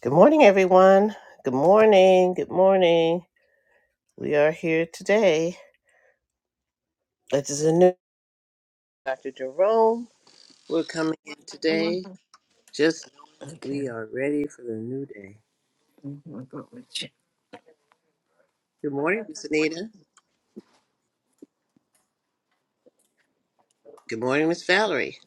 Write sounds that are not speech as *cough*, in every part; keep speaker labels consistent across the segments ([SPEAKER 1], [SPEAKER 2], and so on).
[SPEAKER 1] Good morning, everyone. Good morning. Good morning. We are here today. This is a new Dr. Jerome. We're coming in today just knowing that
[SPEAKER 2] Okay.
[SPEAKER 1] we are ready for the new day.
[SPEAKER 2] Mhm, go with you.
[SPEAKER 1] Good morning, Miss Anita. Good morning, Miss Valerie.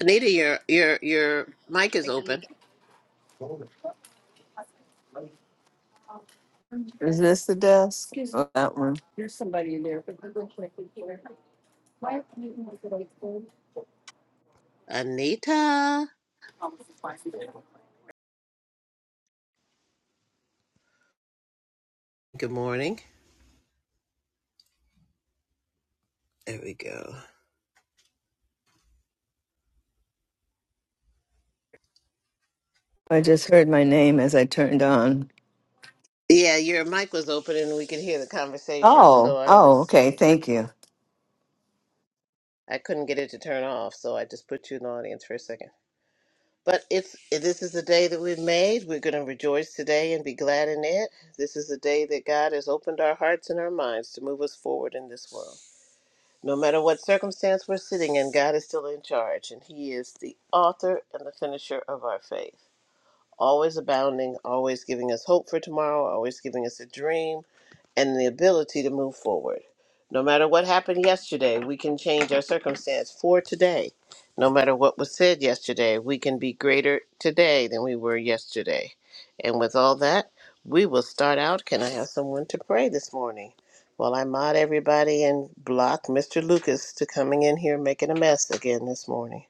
[SPEAKER 1] Anita, your your your mic is open.
[SPEAKER 2] Is this the desk? Oh, that one.
[SPEAKER 1] Anita. Good morning. There we go.
[SPEAKER 2] I just heard my name as I turned on.
[SPEAKER 1] Yeah, your mic was open and we could hear the conversation. So
[SPEAKER 2] Oh,
[SPEAKER 1] I
[SPEAKER 2] oh,
[SPEAKER 1] was
[SPEAKER 2] okay. Thank you.
[SPEAKER 1] I couldn't get it to turn off, so I just put you in the audience for a second. But it's this is the day that we've made. We're going to rejoice today and be glad in it. This is the day that God has opened our hearts and our minds to move us forward in this world. No matter what circumstance we're sitting in, God is still in charge, and He is the author and the finisher of our faith. Always abounding, always giving us hope for tomorrow, always giving us a dream, and the ability to move forward. No matter what happened yesterday, we can change our circumstance for today. No matter what was said yesterday, we can be greater today than we were yesterday. And with all that, we will start out. Can I have someone to pray this morning? While I mod everybody and block Mr. Lucas to coming in here making a mess again this morning.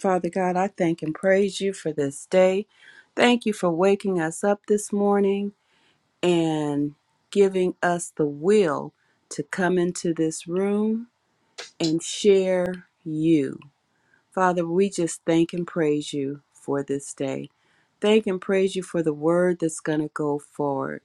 [SPEAKER 3] Father God, I thank and praise you for this day. Thank you for waking us up this morning and giving us the will to come into this room and share you. Father, we just thank and praise you for this day. Thank and praise you for the word that's going to go forward.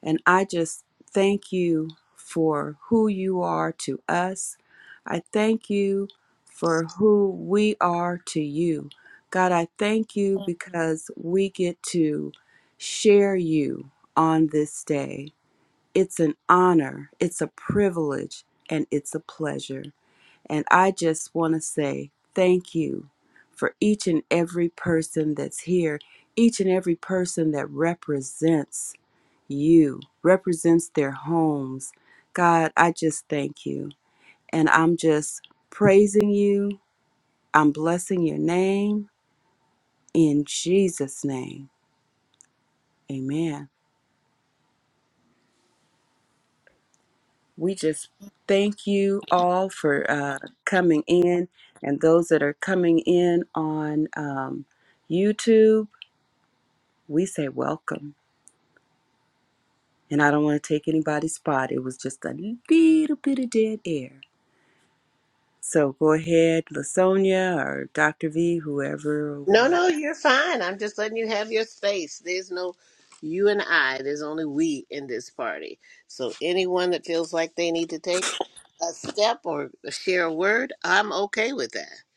[SPEAKER 3] And I just thank you for who you are to us. I thank you for who we are to you. God, I thank you because we get to share you on this day. It's an honor, it's a privilege, and it's a pleasure. And I just want to say thank you for each and every person that's here, each and every person that represents you, represents their homes. God, I just thank you. And I'm just praising you. I'm blessing your name in Jesus' name. Amen. We just thank you all for uh, coming in and those that are coming in on um, YouTube. we say welcome. And I don't want to take anybody's spot. It was just a little bit of dead air. So go ahead, Lasonia or Dr. V, whoever
[SPEAKER 1] No,
[SPEAKER 3] would.
[SPEAKER 1] no, you're fine. I'm just letting you have your space. There's no you and I. There's only we in this party. So anyone that feels like they need to take a step or share a word, I'm okay with that.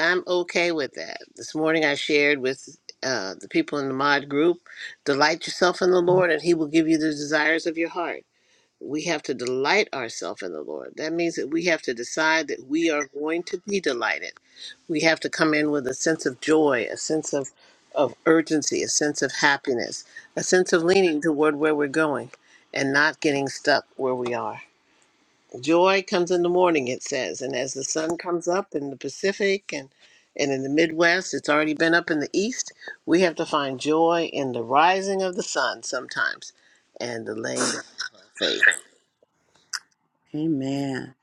[SPEAKER 1] I'm okay with that. This morning I shared with uh, the people in the mod group, delight yourself in the Lord and he will give you the desires of your heart we have to delight ourselves in the Lord. That means that we have to decide that we are going to be delighted. We have to come in with a sense of joy, a sense of, of urgency, a sense of happiness, a sense of leaning toward where we're going and not getting stuck where we are. Joy comes in the morning, it says. And as the sun comes up in the Pacific and, and in the Midwest, it's already been up in the East. We have to find joy in the rising of the sun sometimes and the laying down of faith.
[SPEAKER 3] Amen.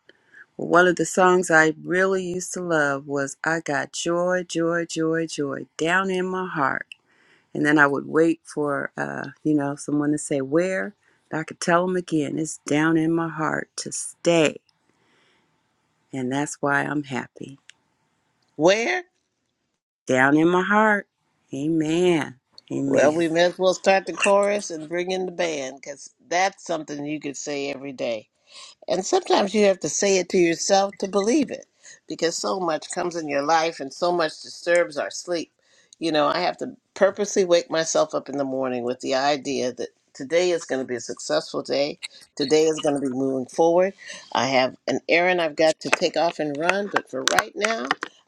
[SPEAKER 3] Well, One of the songs I really used to love was I Got Joy, Joy, Joy, Joy Down in My Heart. And then I would wait for, uh, you know, someone to say where. And I could tell them again, it's down in my heart to stay. And that's why I'm happy.
[SPEAKER 1] Where?
[SPEAKER 3] down in my heart. Amen.
[SPEAKER 1] Well,
[SPEAKER 3] Amen.
[SPEAKER 1] we may as well start the chorus and bring in the band because that's something you could say every day. And sometimes you have to say it to yourself to believe it because so much comes in your life and so much disturbs our sleep. You know, I have to purposely wake myself up in the morning with the idea that today is going to be a successful day. Today is going to be moving forward. I have an errand I've got to take off and run, but for right now,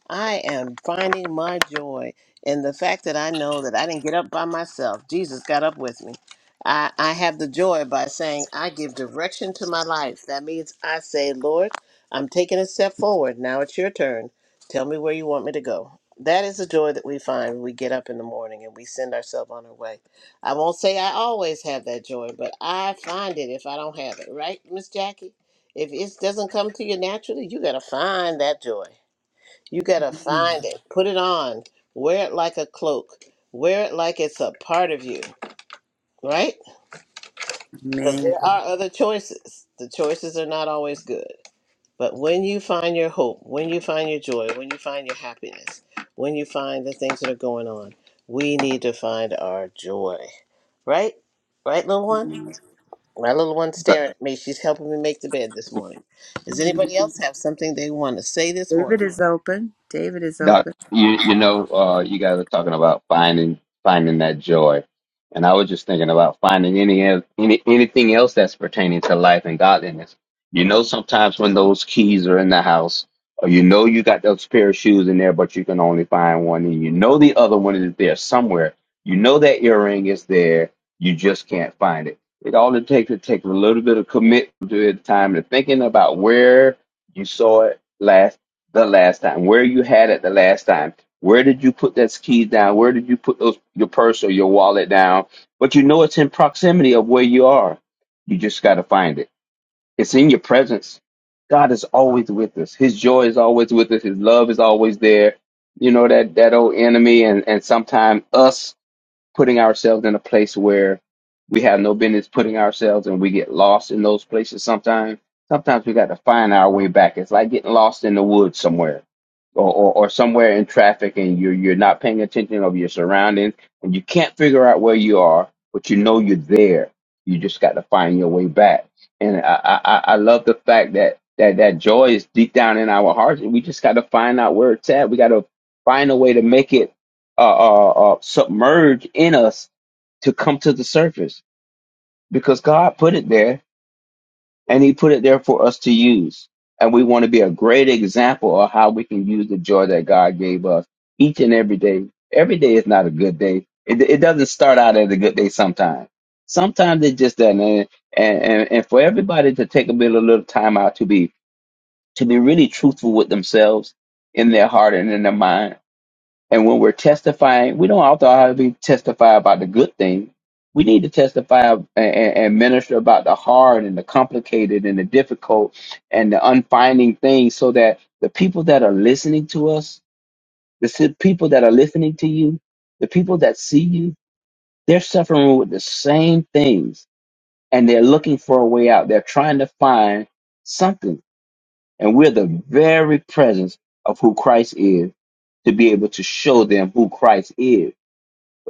[SPEAKER 1] I am finding my joy in the fact that I know that I didn't get up by myself. Jesus got up with me. I, I have the joy by saying I give direction to my life. That means I say, Lord, I'm taking a step forward. Now it's your turn. Tell me where you want me to go. That is the joy that we find when we get up in the morning and we send ourselves on our way. I won't say I always have that joy, but I find it if I don't have it, right, Miss Jackie? If it doesn't come to you naturally, you got to find that joy. You got to find it. Put it on. Wear it like a cloak. Wear it like it's a part of you, right? Because
[SPEAKER 3] Amen.
[SPEAKER 1] there are other choices. The choices are not always good. But when you find your hope, when you find your joy, when you find your happiness, when you find the things that are going on, we need to find our joy. Right? Right, little one? My little one's
[SPEAKER 4] Doc,
[SPEAKER 1] staring at me. She's helping me make the bed this morning. Does anybody else have something they want to say this
[SPEAKER 3] David
[SPEAKER 1] morning?
[SPEAKER 3] is open. David is
[SPEAKER 4] Doc,
[SPEAKER 3] open.
[SPEAKER 4] you you know, uh, you guys are talking about finding finding that joy, and I was just thinking about finding any el- any anything else that's pertaining to life and godliness. You know, sometimes when those keys are in the house, or you know you got those pair of shoes in there, but you can only find one, and you know the other one is there somewhere. You know that earring is there, you just can't find it. It all it takes it takes a little bit of commitment to it, time to thinking about where you saw it last the last time? Where you had it the last time? Where did you put that keys down? Where did you put those your purse or your wallet down? But you know it's in proximity of where you are. You just got to find it. It's in your presence. God is always with us. His joy is always with us. His love is always there. You know that that old enemy and and sometimes us putting ourselves in a place where we have no business putting ourselves and we get lost in those places sometimes. Sometimes we got to find our way back. It's like getting lost in the woods somewhere or, or, or somewhere in traffic and you're, you're not paying attention of your surroundings and you can't figure out where you are, but you know you're there. You just got to find your way back. And I, I, I I love the fact that, that that joy is deep down in our hearts and we just got to find out where it's at. We got to find a way to make it uh, uh, uh, submerge in us to come to the surface because God put it there and He put it there for us to use. And we want to be a great example of how we can use the joy that God gave us each and every day. Every day is not a good day. It, it doesn't start out as a good day sometimes. Sometimes it just doesn't. And, and, and and for everybody to take a bit, a little time out to be to be really truthful with themselves in their heart and in their mind and when we're testifying, we don't also have to be testify about the good thing. We need to testify and, and minister about the hard and the complicated and the difficult and the unfinding things so that the people that are listening to us, the si- people that are listening to you, the people that see you, they're suffering with the same things and they're looking for a way out. They're trying to find something. And we're the very presence of who Christ is to be able to show them who Christ is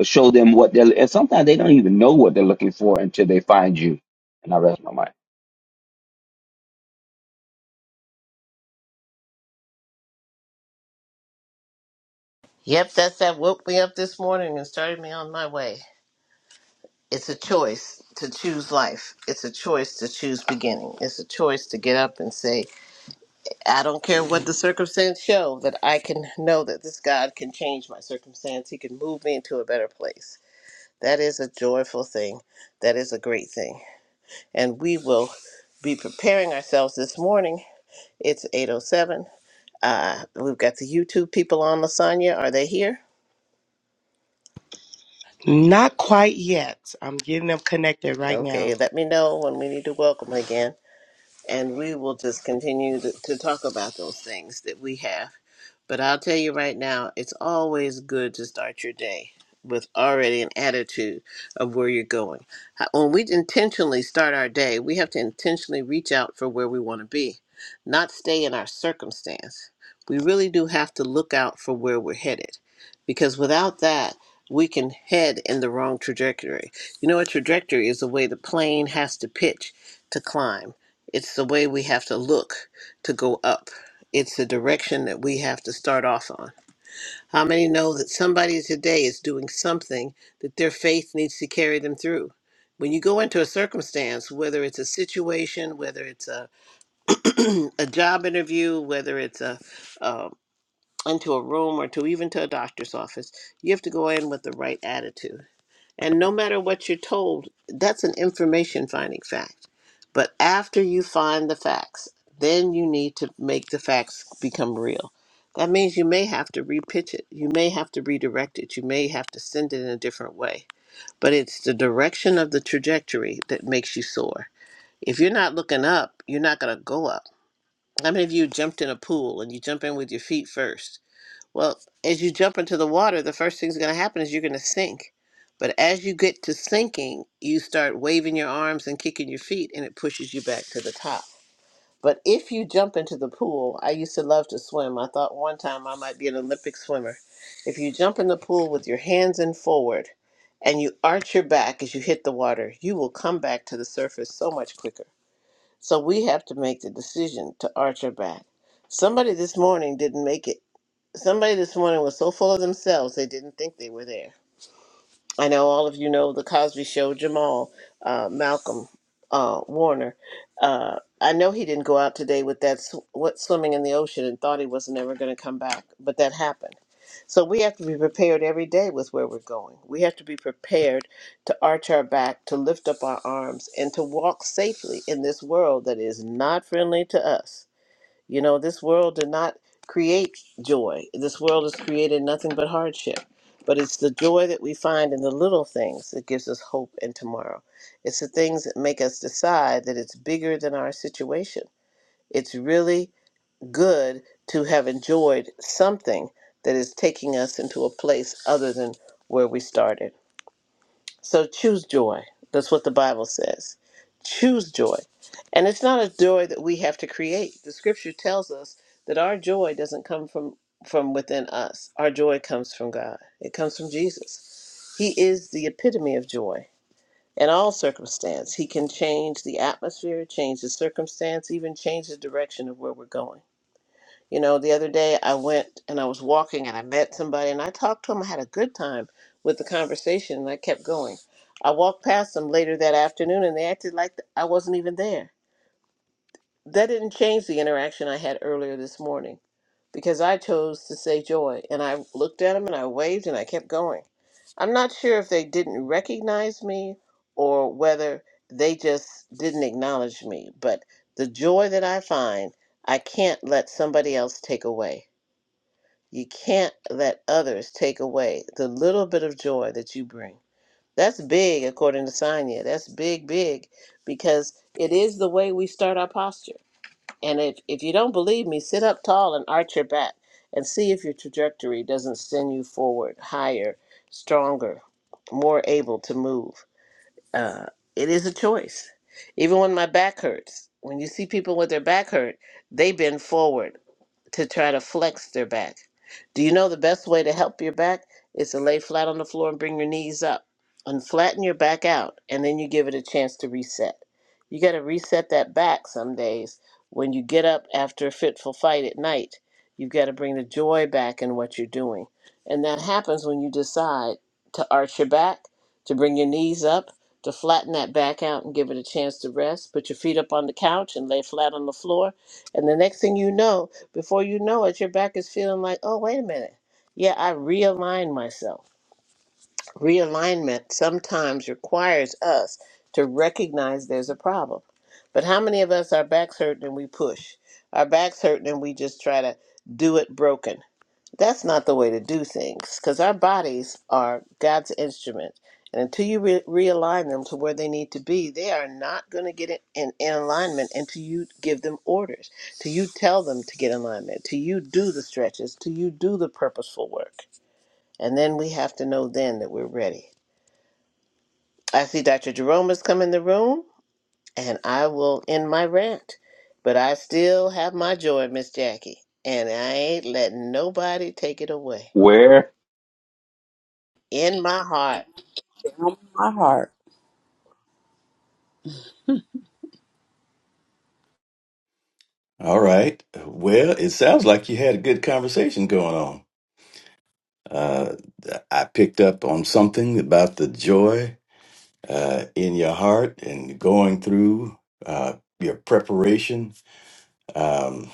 [SPEAKER 4] show them what they're and sometimes they don't even know what they're looking for until they find you and i rest my mind
[SPEAKER 1] Yep, that's that woke me up this morning and started me on my way. It's a choice to choose life. It's a choice to choose beginning. It's a choice to get up and say, I don't care what the circumstance show that I can know that this God can change my circumstance. He can move me into a better place. That is a joyful thing. That is a great thing. And we will be preparing ourselves this morning. It's 807. Uh, we've got the YouTube people on, Lasagna. Are they here?
[SPEAKER 5] Not quite yet. I'm getting them connected right now.
[SPEAKER 1] Okay, let me know when we need to welcome again. and we will just continue to, to talk about those things that we have. But I'll tell you right now, it's always good to start your day with already an attitude of where you're going. How- When we intentionally start our day, we have to intentionally reach out for where we want to be, not stay in our circumstance. We really do have to look out for where we're headed because without that, we can head in the wrong trajectory. You know, a trajectory is the way the plane has to pitch to climb it's the way we have to look to go up. It's the direction that we have to start off on. How many know that somebody today is doing something that their faith needs to carry them through? When you go into a circumstance, whether it's a situation, whether it's a, a job interview, whether it's a, uh, into a room or to even to a doctor's office, you have to go in with the right attitude and no matter what you're told, that's an information finding fact. But after you find the facts, then you need to make the facts become real. That means you may have to repitch it. You may have to redirect it. You may have to send it in a different way. But it's the direction of the trajectory that makes you soar. If you're not looking up, you're not going to go up. How many of you jumped in a pool and you jump in with your feet first? Well, as you jump into the water, the first thing's going to happen is you're going to sink. But as you get to sinking, you start waving your arms and kicking your feet, and it pushes you back to the top. But if you jump into the pool, I used to love to swim. I thought one time I might be an Olympic swimmer. If you jump in the pool with your hands in forward and you arch your back as you hit the water, you will come back to the surface so much quicker. So we have to make the decision to arch our back. Somebody this morning didn't make it Somebody this morning was so full of themselves they didn't think they were there. I know all of you know the Cosby Show, Jamal, uh, Malcolm, uh, Warner. Uh, I know he didn't go out today with that sw- what swimming in the ocean and thought he was never going to come back, but that happened. So we have to be prepared every day with where we're going. We have to be prepared to arch our back, to lift up our arms, and to walk safely in this world that is not friendly to us. You know, this world did not create joy. This world has created nothing but hardship. But it's the joy that we find in the little things that gives us hope and tomorrow. It's the things that make us decide that it's bigger than our situation. It's really good to have enjoyed something that is taking us into a place other than where we started. So choose joy. That's what the Bible says. Choose joy. And it's not a joy that we have to create. The scripture tells us that our joy doesn't come from from within us. Our joy comes from God. It comes from Jesus. He is the epitome of joy in all circumstance. He can change the atmosphere, change the circumstance, even change the direction of where we're going. You know, the other day I went and I was walking and I met somebody and I talked to him. I had a good time with the conversation and I kept going. I walked past them later that afternoon and they acted like I wasn't even there. That didn't change the interaction I had earlier this morning because I chose to say joy and I looked at them and I waved and I kept going. I'm not sure if they didn't recognize me or whether they just didn't acknowledge me, but the joy that I find, I can't let somebody else take away. You can't let others take away the little bit of joy that you bring. That's big, according to Sonya. That's big, big, because it is the way we start our posture. And if, if you don't believe me, sit up tall and arch your back and see if your trajectory doesn't send you forward higher, stronger, more able to move. Uh, it is a choice. Even when my back hurts, when you see people with their back hurt, they bend forward to try to flex their back. Do you know the best way to help your back is to lay flat on the floor and bring your knees up and flatten your back out, and then you give it a chance to reset. You got to reset that back some days. When you get up after a fitful fight at night, you've got to bring the joy back in what you're doing. And that happens when you decide to arch your back, to bring your knees up, to flatten that back out and give it a chance to rest. Put your feet up on the couch and lay flat on the floor. And the next thing you know, before you know it, your back is feeling like, oh, wait a minute. Yeah, I realigned myself. Realignment sometimes requires us to recognize there's a problem. But how many of us, our backs hurt and we push? Our backs hurt and we just try to do it broken that's not the way to do things because our bodies are God's instrument. And until you re- realign them to where they need to be, they are not going to get in, in, in alignment until you give them orders, till you tell them to get in alignment, till you do the stretches, till you do the purposeful work. And then we have to know then that we're ready. I see Dr. Jerome has come in the room, and I will end my rant. But I still have my joy, Miss Jackie, and I ain't letting nobody take it away.
[SPEAKER 4] Where?
[SPEAKER 1] In my heart.
[SPEAKER 3] Down in my heart.
[SPEAKER 6] All right. Well, it sounds like you had a good conversation going on. Uh, I picked up on something about the joy uh, in your heart and going through uh, your preparation. Um,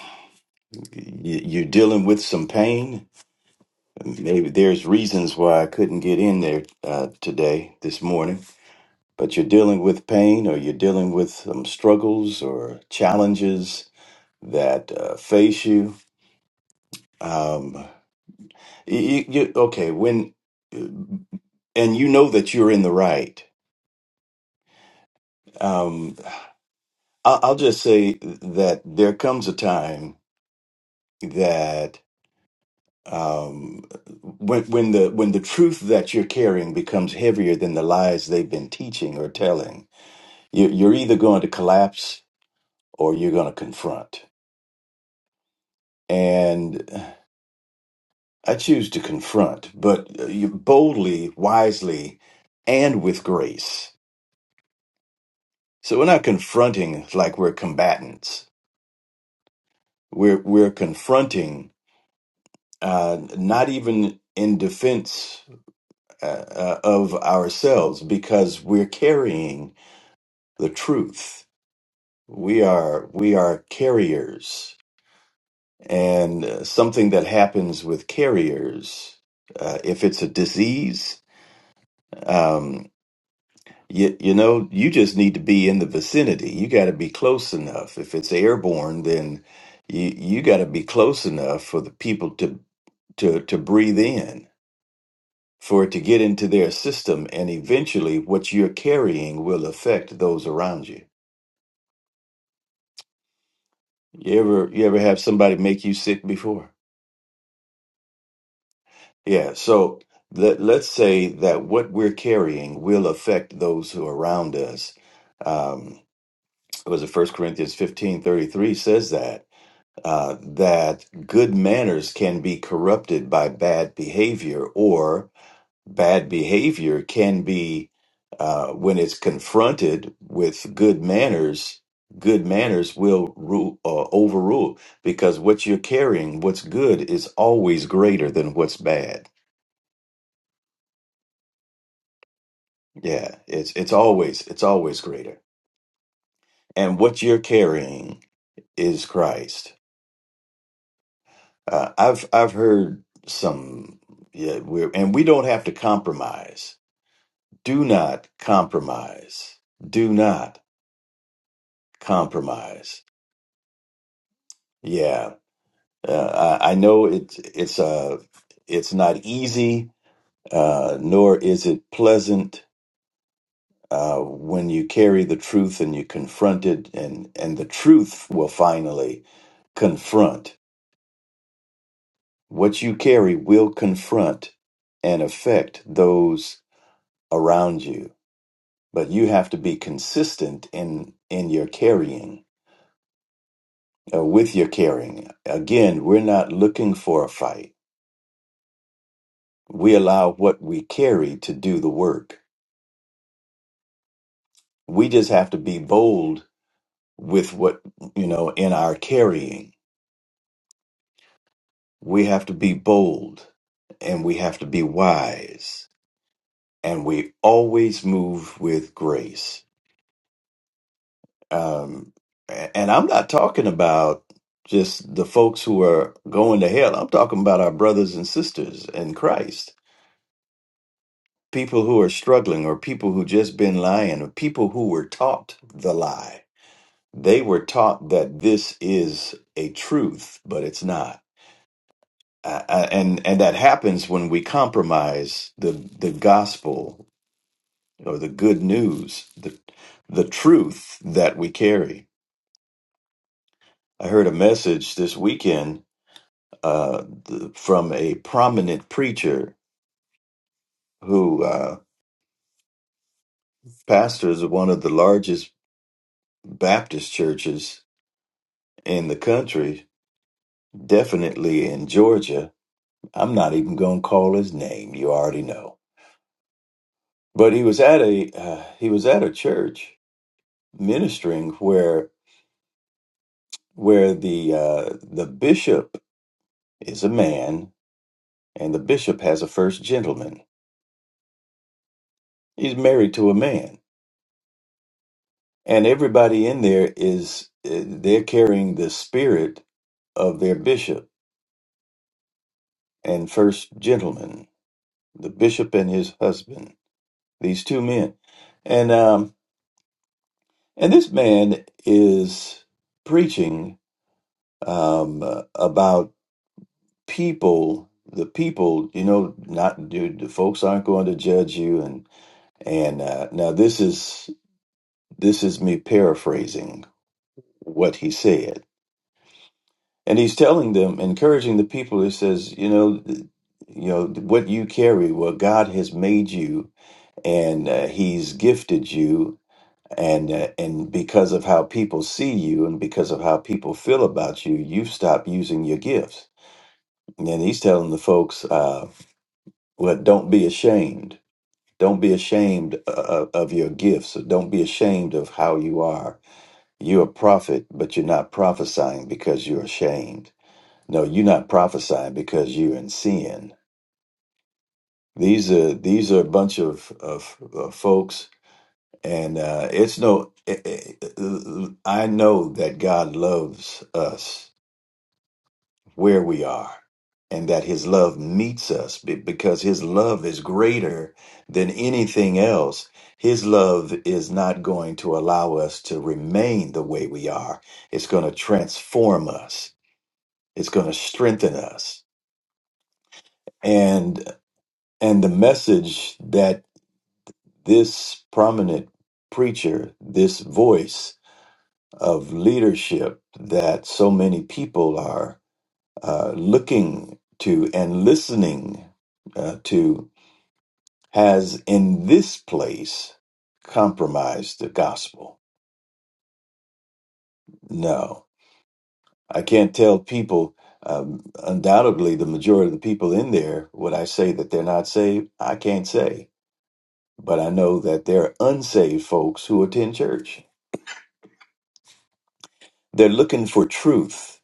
[SPEAKER 6] you, you're dealing with some pain. Maybe there's reasons why I couldn't get in there uh, today, this morning, but you're dealing with pain or you're dealing with some struggles or challenges that uh, face you. Um, You, you, you- okay, when and you know that you're in the right. Um, I'll, I'll just say that there comes a time that um, when when the when the truth that you're carrying becomes heavier than the lies they've been teaching or telling, you, you're either going to collapse or you're going to confront. And I choose to confront, but uh, you boldly, wisely, and with grace. So we're not confronting like we're combatants We're we're confronting uh, not even in defense uh, uh, of ourselves because we're carrying the truth. We are we are carriers, and uh, something that happens with carriers, uh, if it's a disease, um, you, you know, you just need to be in the vicinity. You got to be close enough. If it's airborne, then you you got to be close enough for the people to to to breathe in for it to get into their system and eventually what you're carrying will affect those around you you ever you ever have somebody make you sick before yeah so let, let's say that what we're carrying will affect those who are around us um it was it first corinthians 15:33 says that uh, that good manners can be corrupted by bad behavior or bad behavior can be uh, when it's confronted with good manners good manners will rule uh, overrule because what you're carrying what's good is always greater than what's bad yeah it's it's always it's always greater and what you're carrying is Christ uh, i've i've heard some yeah we're and we don't have to compromise do not compromise do not compromise yeah Uh, I, I know it's it's uh it's not easy, uh, nor is it pleasant uh, when you carry the truth and you confront it, and and the truth will finally confront what you carry will confront and affect those around you. But you have to be consistent in in your carrying, uh, with your carrying. Again, we're not looking for a fight. We allow what we carry to do the work we just have to be bold with what you know in our carrying we have to be bold and we have to be wise and we always move with grace um a- and i'm not talking about just the folks who are going to hell i'm talking about our brothers and sisters in christ people who are struggling or people who just been lying or people who were taught the lie they were taught that this is a truth but it's not Uh, uh, and and that happens when we compromise the the gospel or the good news, the the truth that we carry. I heard a message this weekend uh, th- from a prominent preacher who uh, pastors one of the largest Baptist churches in the country, definitely in Georgia. I'm not even going to call his name. You already know. But he was at a uh, he was at a church ministering where where the uh, the bishop is a man, and the bishop has a first gentleman. He's married to a man, and everybody in there is uh, they're carrying the spirit of their bishop and first gentleman, the bishop and his husband, these two men, and um, and this man is preaching um, uh, about people. The people, you know, not dude, the folks aren't going to judge you, and. And uh, now this is this is me paraphrasing what he said, and he's telling them, encouraging the people. He says, you know, th- you know what you carry, what God has made you, and uh, He's gifted you, and uh, and because of how people see you, and because of how people feel about you, you've stopped using your gifts. And then he's telling the folks, uh, well, don't be ashamed. Don't be ashamed uh, of your gifts. Don't be ashamed of how you are You're a prophet, but you're not prophesying because you're ashamed. No, you're not prophesying because you're in sin. These are these are a bunch of of, of folks, and uh, it's no. eh, eh, eh, I know that God loves us where we are, and that His love meets us be- because His love is greater than anything else. His love is not going to allow us to remain the way we are. It's going to transform us it's going to strengthen us and and the message that this prominent preacher this voice of leadership that so many people are uh, looking to and listening uh, to has in this place compromised the gospel no i can't tell people um, undoubtedly the majority of the people in there would i say that they're not saved i can't say But I know that there are unsaved folks who attend church. They're looking for truth,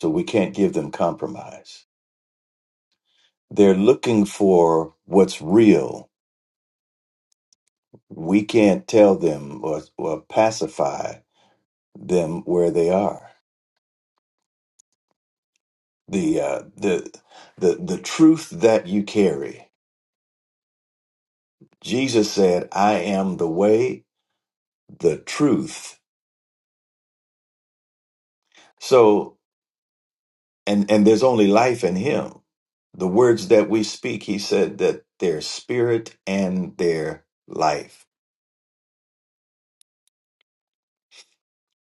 [SPEAKER 6] so we can't give them compromise. They're looking for what's real. We can't tell them or, or pacify them where they are. The, uh, the, the, the truth that you carry. Jesus said, I am the way, the truth. So. and and there's only life in him the words that we speak he said that their spirit and their life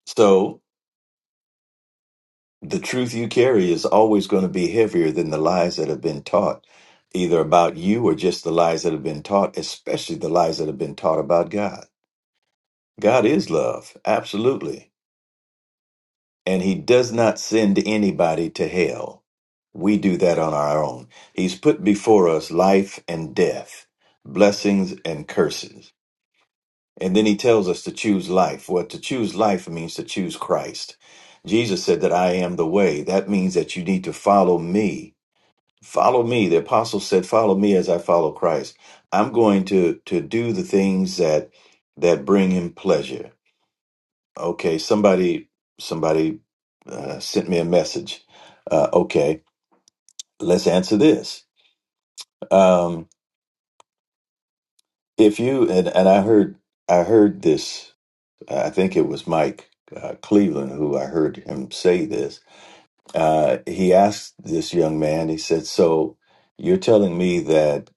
[SPEAKER 6] so the truth you carry is always going to be heavier than the lies that have been taught either about you or just the lies that have been taught especially the lies that have been taught about god god is love absolutely and he does not send anybody to hell we do that on our own he's put before us life and death blessings and curses And then he tells us to choose life. Well, to choose life means to choose Christ. Jesus said that I am the way. That means that you need to follow me. Follow me. The apostle said, follow me as I follow Christ. I'm going to, to do the things that, that bring him pleasure. Okay. Somebody, somebody uh, sent me a message. Uh, okay. Let's answer this. Um, if you, and, and I heard, I heard this Uh, I think it was Mike uh, Cleveland who I heard him say this. Uh, he asked this young man, he said, So you're telling me that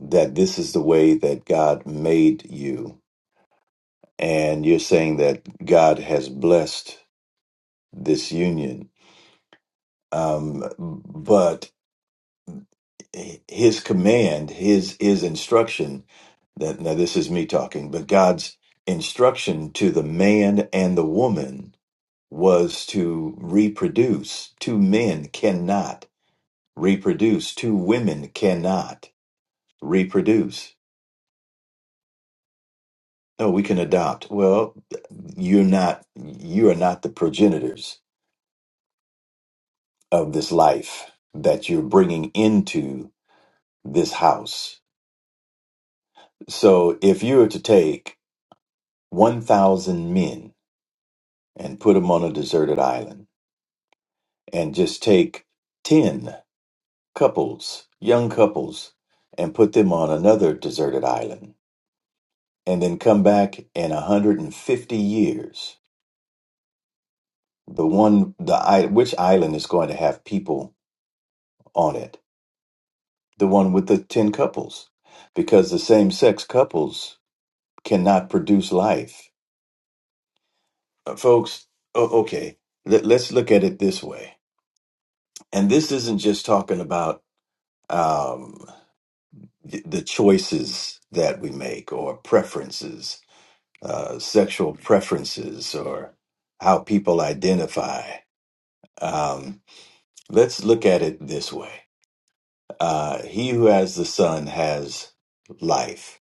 [SPEAKER 6] that this is the way that God made you, and you're saying that God has blessed this union. Um, but his command, his his instruction that now this is me talking, but God's instruction to the man and the woman was to reproduce. Two men cannot reproduce. Two women cannot reproduce. No, we can adopt. Well, you're not, you are not the progenitors of this life that you're bringing into this house. So if you were to take 1,000 men and put them on a deserted island and just take 10 couples, young couples, and put them on another deserted island and then come back in 150 years the one the i- which island is going to have people on it the one with the 10 couples because the same sex couples cannot produce life Uh, folks o- okay let, us look at it this way and this isn't just talking about um, the, the choices that we make or preferences uh, sexual preferences or how people identify Um, Let's look at it this way. Uh, he who has the son has life.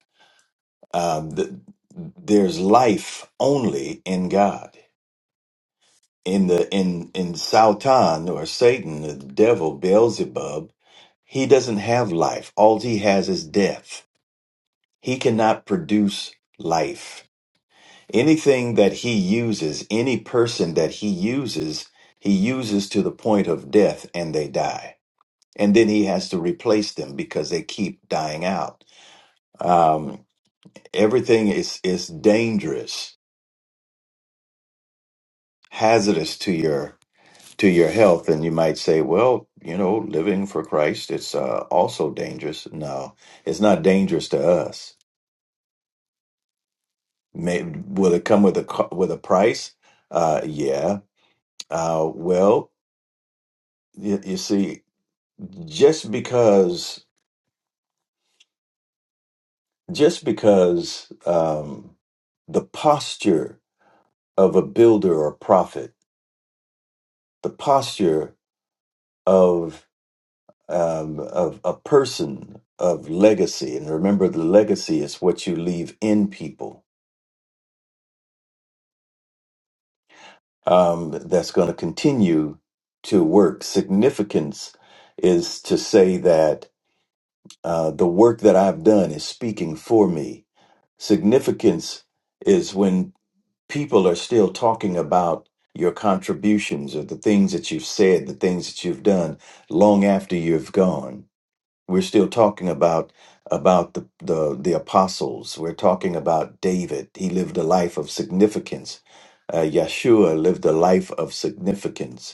[SPEAKER 6] Um, th- there's life only in God. In the in in Sautan or Satan, the devil Beelzebub, he doesn't have life. All he has is death. He cannot produce life. Anything that he uses, any person that he uses, he uses to the point of death and they die and then he has to replace them because they keep dying out. Um, everything is is dangerous, hazardous to your to your health, and you might say, "Well, you know, living for Christ it's uh, also dangerous." No, it's not dangerous to us. May, will it come with a co- with a price? Uh, yeah. Uh, well, you, you see, just because just because um, the posture of a builder or prophet the posture of um, of a person of legacy, and remember, the legacy is what you leave in people. Um, that's going to continue to work. Significance is to say that uh, the work that I've done is speaking for me. Significance is when people are still talking about your contributions or the things that you've said, the things that you've done long after you've gone we're still talking about about the, the the apostles we're talking about david he lived a life of significance uh, yeshua lived a life of significance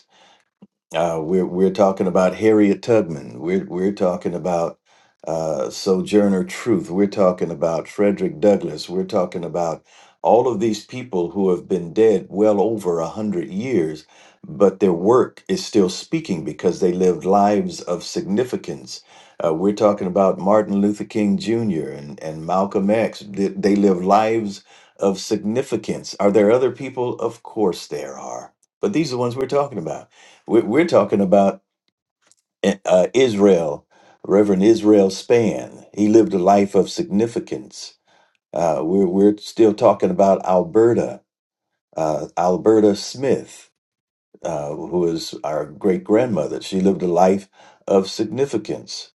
[SPEAKER 6] uh, we're we're talking about Harriet Tubman. We're we're talking about uh, Sojourner Truth. We're talking about Frederick Douglass. We're talking about all of these people who have been dead well over a hundred years, but their work is still speaking because they lived lives of significance. Uh, we're talking about Martin Luther King Jr. and and Malcolm X. They, they lived lives of significance. Are there other people? Of course there are, but these are the ones we're talking about. We're, we're talking about eh, uh, Israel, Reverend Israel Span. He lived a life of significance. Uh, we're, we're still talking about Alberta, uh, Alberta Smith, uh, who is our great grandmother. She lived a life of significance.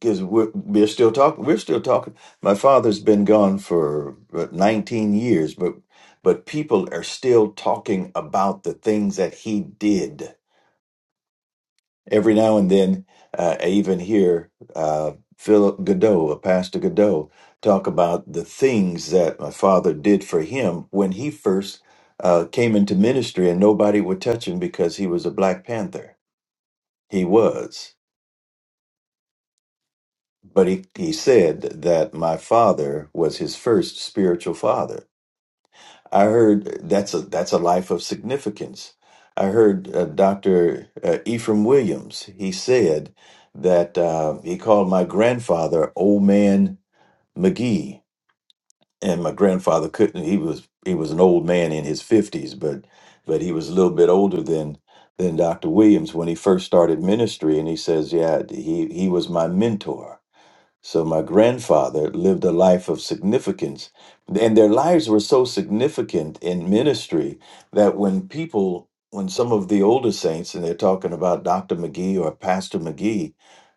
[SPEAKER 6] Because we're, we're still talking, we're still talking. My father's been gone for uh, 19 years, but but people are still talking about the things that he did every now and then, uh, I even hear uh, Philip Godot, uh, Pastor Godot, talk about the things that my father did for him when he first uh, came into ministry, and nobody would touch him because he was a Black Panther. He was. But he, he said that my father was his first spiritual father I heard uh, that's a that's a life of significance. I heard uh, Dr. Uh, Ephraim Williams. He said that uh, he called my grandfather Old Man McGee, and my grandfather couldn't. He was he was an old man in his fifties, but but he was a little bit older than than Dr. Williams when he first started ministry. And he says, yeah, he he was my mentor so my grandfather lived a life of significance, and their lives were so significant in ministry that when people, when some of the older saints, and they're talking about Dr. McGee or Pastor McGee,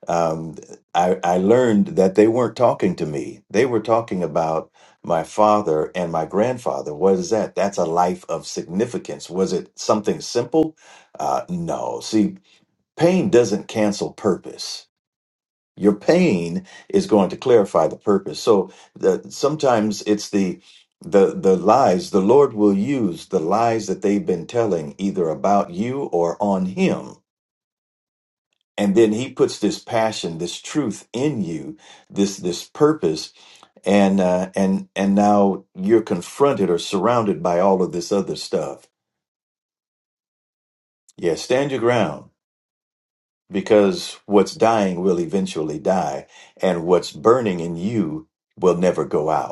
[SPEAKER 6] um, I, I learned that they weren't talking to me. They were talking about my father and my grandfather. What is that? That's a life of significance. Was it something simple? Uh, no. See, pain doesn't cancel purpose your pain is going to clarify the purpose. So the, sometimes it's the the the lies the Lord will use the lies that they've been telling either about you or on him. And then he puts this passion, this truth in you, this this purpose, and uh, and and now you're confronted or surrounded by all of this other stuff. Yeah, stand your ground because what's dying will eventually die, and what's burning in you will never go out.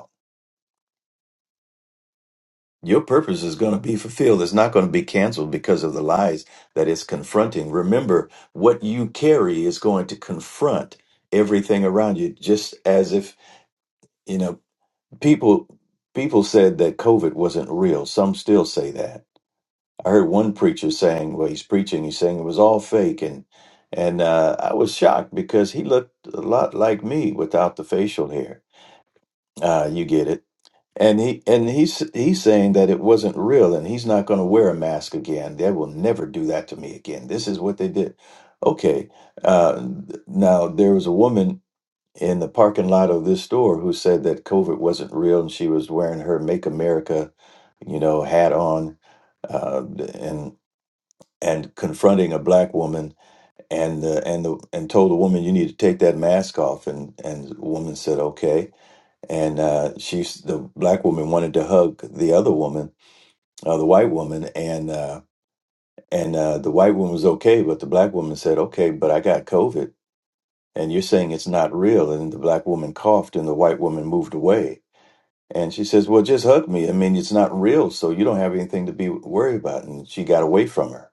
[SPEAKER 6] Your purpose is going to be fulfilled. It's not going to be canceled because of the lies that it's confronting. Remember, what you carry is going to confront everything around you, just as if, you know, people people said that COVID wasn't real. Some still say that. I heard one preacher saying, well, he's preaching, he's saying it was all fake and and uh, I was shocked because he looked a lot like me without the facial hair. Uh, you get it and he and he's he's saying that it wasn't real, and he's not going to wear a mask again. They will never do that to me again. This is what they did. Okay. Uh, now there was a woman in the parking lot of this store who said that COVID wasn't real, and she was wearing her "Make America," you know, hat on, uh, and and confronting a black woman, and uh, and the, and told the woman, "You need to take that mask off." And and the woman said, "Okay." and uh, she's the black woman wanted to hug the other woman, uh, the white woman, and uh, and uh, the white woman was okay, but the black woman said, "Okay, but I got COVID, and you're saying it's not real." And the black woman coughed, and the white woman moved away. And she says, "Well, just hug me. I mean, it's not real, so you don't have anything to be worried about." And she got away from her.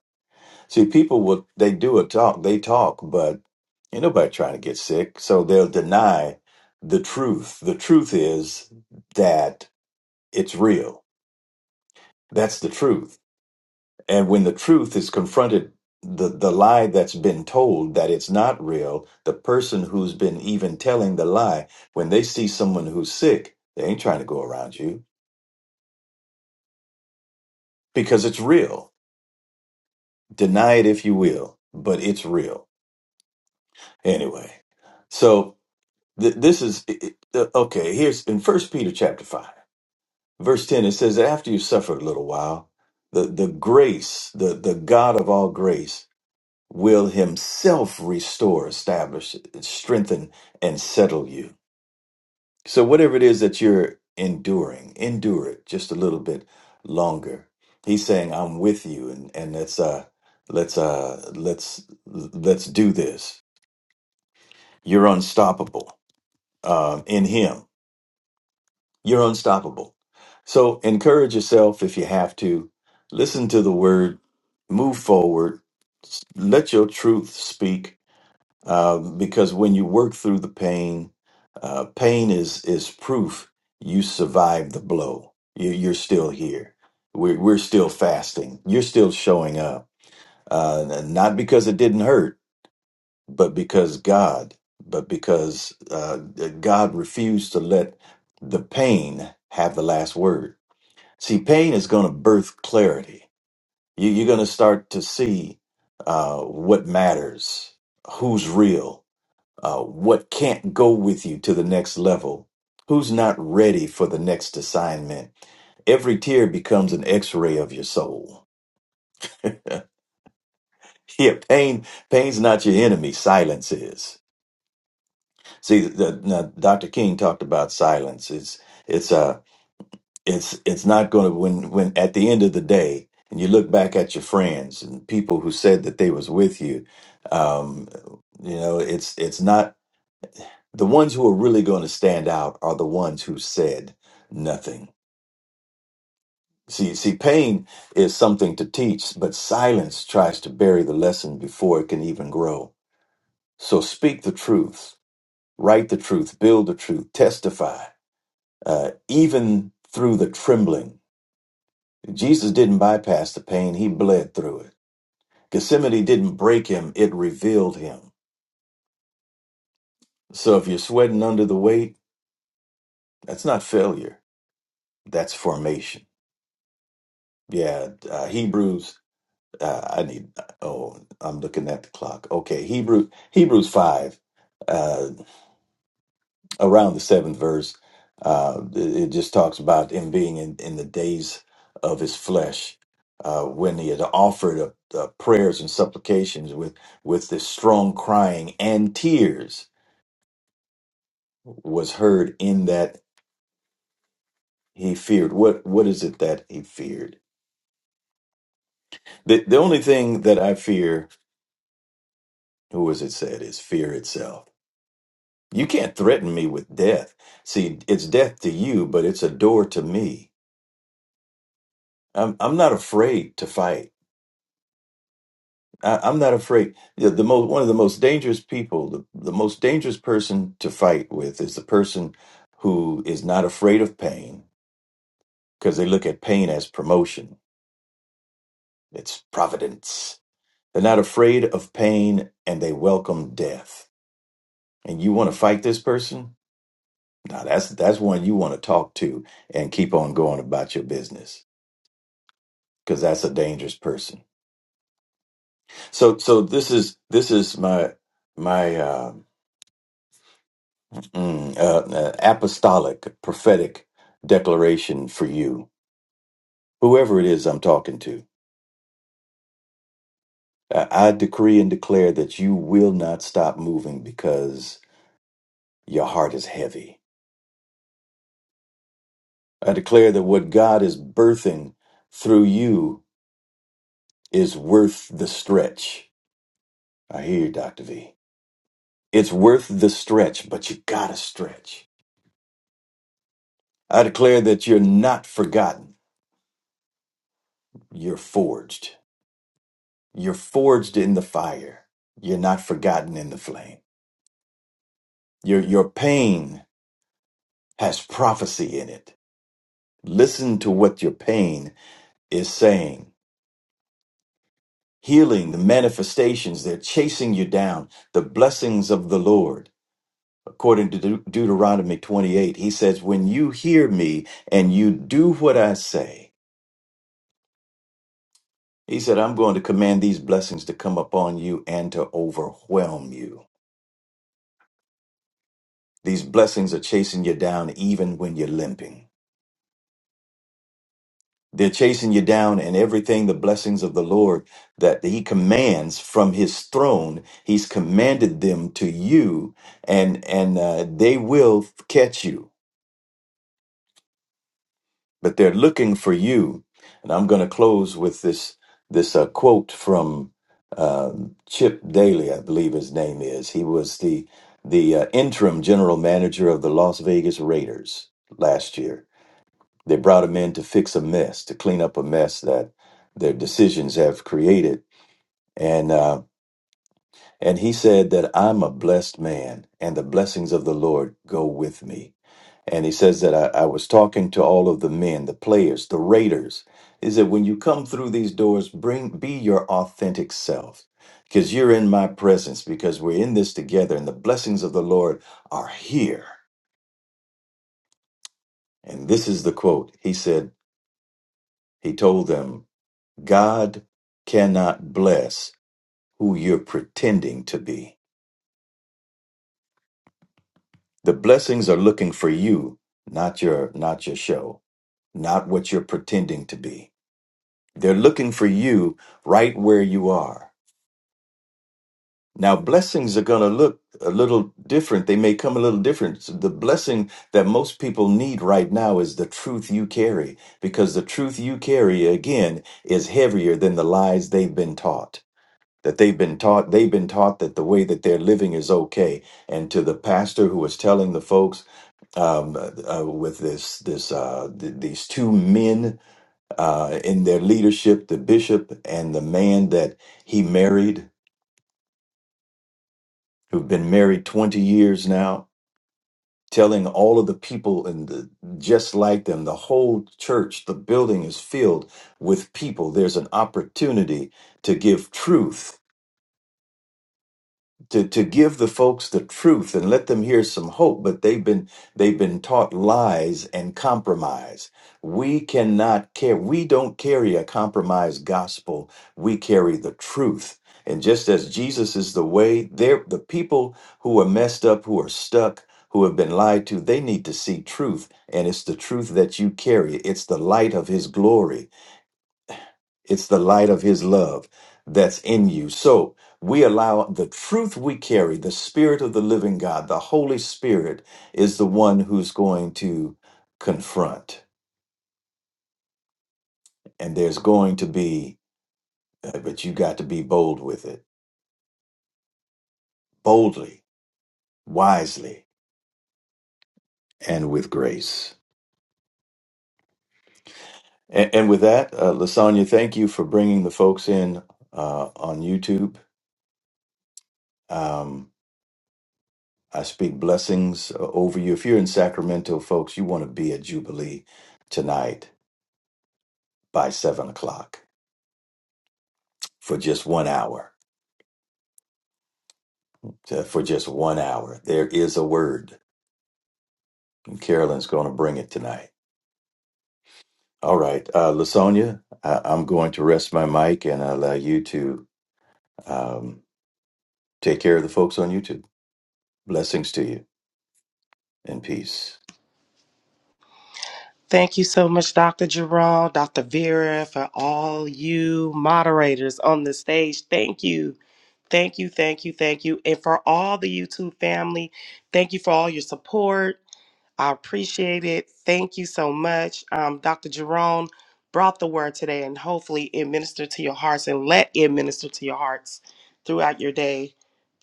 [SPEAKER 6] See, people will they do a talk, they talk, but ain't nobody trying to get sick, so they'll deny the truth. The truth is that It's real. That's the truth. And when the truth is confronted, the, the lie that's been told that it's not real, the person who's been even telling the lie, when they see someone who's sick, they ain't trying to go around you because it's real. Deny it if you will, but it's real. Anyway, so th- this is it- it- okay. Here's in First Peter chapter five, verse ten. It says, "After you suffered a little while, the the grace, the the God of all grace." will himself restore, establish, strengthen, and settle you. So, whatever it is that you're enduring, endure it just a little bit longer. He's saying, I'm with you, and, and let's, uh, let's, uh, let's, let's do this. You're unstoppable um, in Him. You're unstoppable. So, encourage yourself if you have to. Listen to the word, move forward, let your truth speak uh, because when you work through the pain, uh, pain is is proof you survived the blow. You, you're still here. We're we're still fasting. You're still showing up, uh, n- not because it didn't hurt, but because God, but because uh, God refused to let the pain have the last word. See, pain is going to birth clarity. You, you're going to start to see uh, what matters, who's real, uh, what can't go with you to the next level, who's not ready for the next assignment. Every tear becomes an x-ray of your soul. *laughs* Yeah, pain, pain's not your enemy. Silence is. See, the, now, Dr. King talked about silence. It's, it's, uh, it's, it's not going to, when, when at the end of the day, and you look back at your friends and people who said that they was with you, um, you know, it's, it's not the ones who are really going to stand out are the ones who said nothing. See, see, pain is something to teach, but silence tries to bury the lesson before it can even grow. So speak the truth, write the truth, build the truth, testify, uh, even through the trembling. Jesus didn't bypass the pain, he bled through it. Gethsemane didn't break him, it revealed him. So if you're sweating under the weight, that's not failure, that's formation. Yeah, uh, Hebrews uh, I need. Oh, I'm looking at the clock. Okay, Hebrew Hebrews five, uh, around the seventh verse, uh, it, it just talks about him being in, in the days of his flesh, uh, when he had offered up uh, prayers and supplications with with this strong crying and tears was heard in that he feared. What what is it that he feared? The the only thing that I fear, who was it said, is fear itself You can't threaten me with death. See, it's death to you, but it's a door to me. I'm I'm not afraid to fight. I, I'm not afraid. The, the most one of the most dangerous people, the, the most dangerous person to fight with is the person who is not afraid of pain because they look at pain as promotion. It's providence. They're not afraid of pain and they welcome death. And you want to fight this person? Now that's that's one you want to talk to and keep on going about your business. because that's a dangerous person. So so this is this is my my uh, mm, uh, uh, apostolic prophetic declaration for you, whoever it is I'm talking to. I, I decree and declare that you will not stop moving because your heart is heavy. I declare that what God is birthing through you is worth the stretch. I hear you, Dr. V. It's worth the stretch, but you gotta stretch. I declare that you're not forgotten. You're forged. You're forged in the fire. You're not forgotten in the flame. Your, your pain has prophecy in it. Listen to what your pain is saying. Healing, the manifestations, they're chasing you down. The blessings of the Lord. According to Deut- Deuteronomy 28, he says, When you hear me and you do what I say, he said, I'm going to command these blessings to come upon you and to overwhelm you. These blessings are chasing you down even when you're limping. They're chasing you down and everything the blessings of the Lord that he commands from his throne, he's commanded them to you and and uh, they will catch you. But they're looking for you. And I'm going to close with this this uh, quote from um Chip Daly, I believe his name is. He was the the uh, interim general manager of the Las Vegas Raiders last year They brought him in to fix a mess, to clean up a mess that their decisions have created. And uh, and he said that I'm a blessed man, and the blessings of the Lord go with me. And he says that I, I was talking to all of the men, the players, the raiders. Is that when you come through these doors, bring be your authentic self, because you're in my presence, because we're in this together, and the blessings of the Lord are here. And this is the quote. He said he told them God cannot bless who you're pretending to be. The blessings are looking for you, not your not your show, not what you're pretending to be. They're looking for you right where you are. Now blessings are going to look a little different. They may come a little different. So the blessing that most people need right now is the truth you carry because the truth you carry again is heavier than the lies they've been taught. that they've been taught they've been taught that the way that they're living is okay and to the pastor who was telling the folks um, uh, uh, with this this uh, th- these two men uh, in their leadership the bishop and the man that he married who've been married 20 years now telling all of the people and the, just like them the whole church the building is filled with people there's an opportunity to give truth to to give the folks the truth and let them hear some hope but they've been they've been taught lies and compromise we cannot care we don't carry a compromised gospel we carry the truth and just as jesus is the way there the people who are messed up who are stuck who have been lied to they need to see truth and it's the truth that you carry it's the light of his glory it's the light of his love that's in you. So we allow the truth we carry, the spirit of the living God, the Holy Spirit is the one who's going to confront. And there's going to be, uh, but you got to be bold with it, boldly, wisely, and with grace. And, and with that, uh, Lasagna, thank you for bringing the folks in uh, on YouTube. Um, I speak blessings uh, over you. If you're in Sacramento, folks, you want to be at Jubilee tonight by seven o'clock for just one hour. Uh, For just one hour, there is a word, and Carolyn's going to bring it tonight. All right, uh, Lasonia, I- I'm going to rest my mic and allow you to um, take care of the folks on YouTube. Blessings to you and peace.
[SPEAKER 5] Thank you so much, Dr. Jerome, Dr. Vera, for all you moderators on the stage. Thank you. Thank you, thank you, thank you. And for all the YouTube family, thank you for all your support. I appreciate it. Thank you so much. Um, Dr. Jerome brought the word today, and hopefully it ministered to your hearts and let it minister to your hearts throughout your day,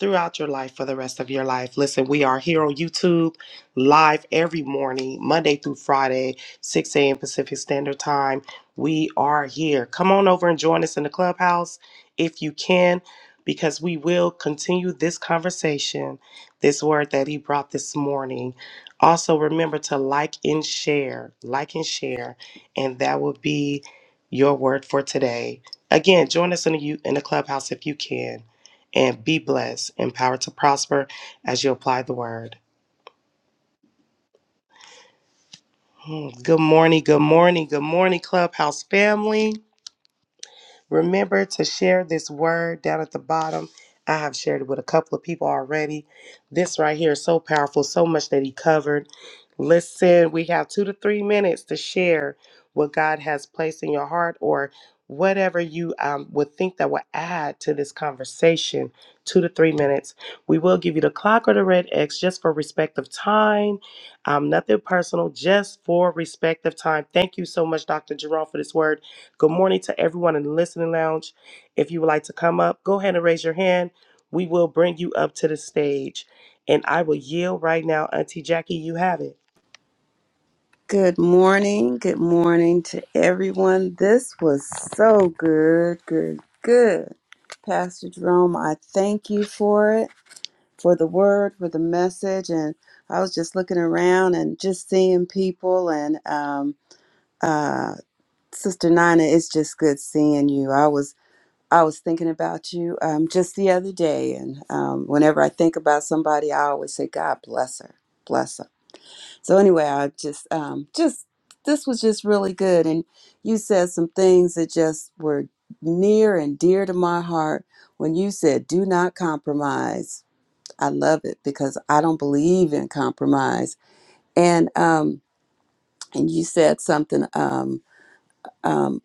[SPEAKER 5] throughout your life, for the rest of your life. Listen, we are here on YouTube live every morning, Monday through Friday, 6 a.m. Pacific Standard Time. We are here. Come on over and join us in the clubhouse if you can, because we will continue this conversation, this word that he brought this morning. Also, remember to like and share, like and share, and that will be your word for today. Again, join us in the you in the clubhouse if you can, and be blessed, empowered to prosper as you apply the word. Hmm, Good morning, good morning, good morning, clubhouse family. Remember to share this word down at the bottom. I have shared it with a couple of people already. This right here is so powerful, so much that he covered. Listen, we have two to three minutes to share what God has placed in your heart or whatever you um, would think that would add to this conversation. Two to three minutes. We will give you the clock or the red X just for respect of time. Um, nothing personal, just for respect of time. Thank you so much, Dr. Jerome, for this word. Good morning to everyone in the listening lounge. If you would like to come up, go ahead and raise your hand. We will bring you up to the stage. And I will yield right now. Auntie Jackie, you have it.
[SPEAKER 3] Good morning. Good morning to everyone. This was so good. Good. Good. Pastor Jerome, I thank you for it, for the word, for the message. And I was just looking around and just seeing people. And um, uh, Sister Nina, it's just good seeing you. I was I was thinking about you um, just the other day, and um, whenever I think about somebody, I always say, "God bless her, bless her." So anyway, I just, um, just this was just really good, and you said some things that just were near and dear to my heart when you said, "Do not compromise." I love it because I don't believe in compromise, and um, and you said something. Um, um,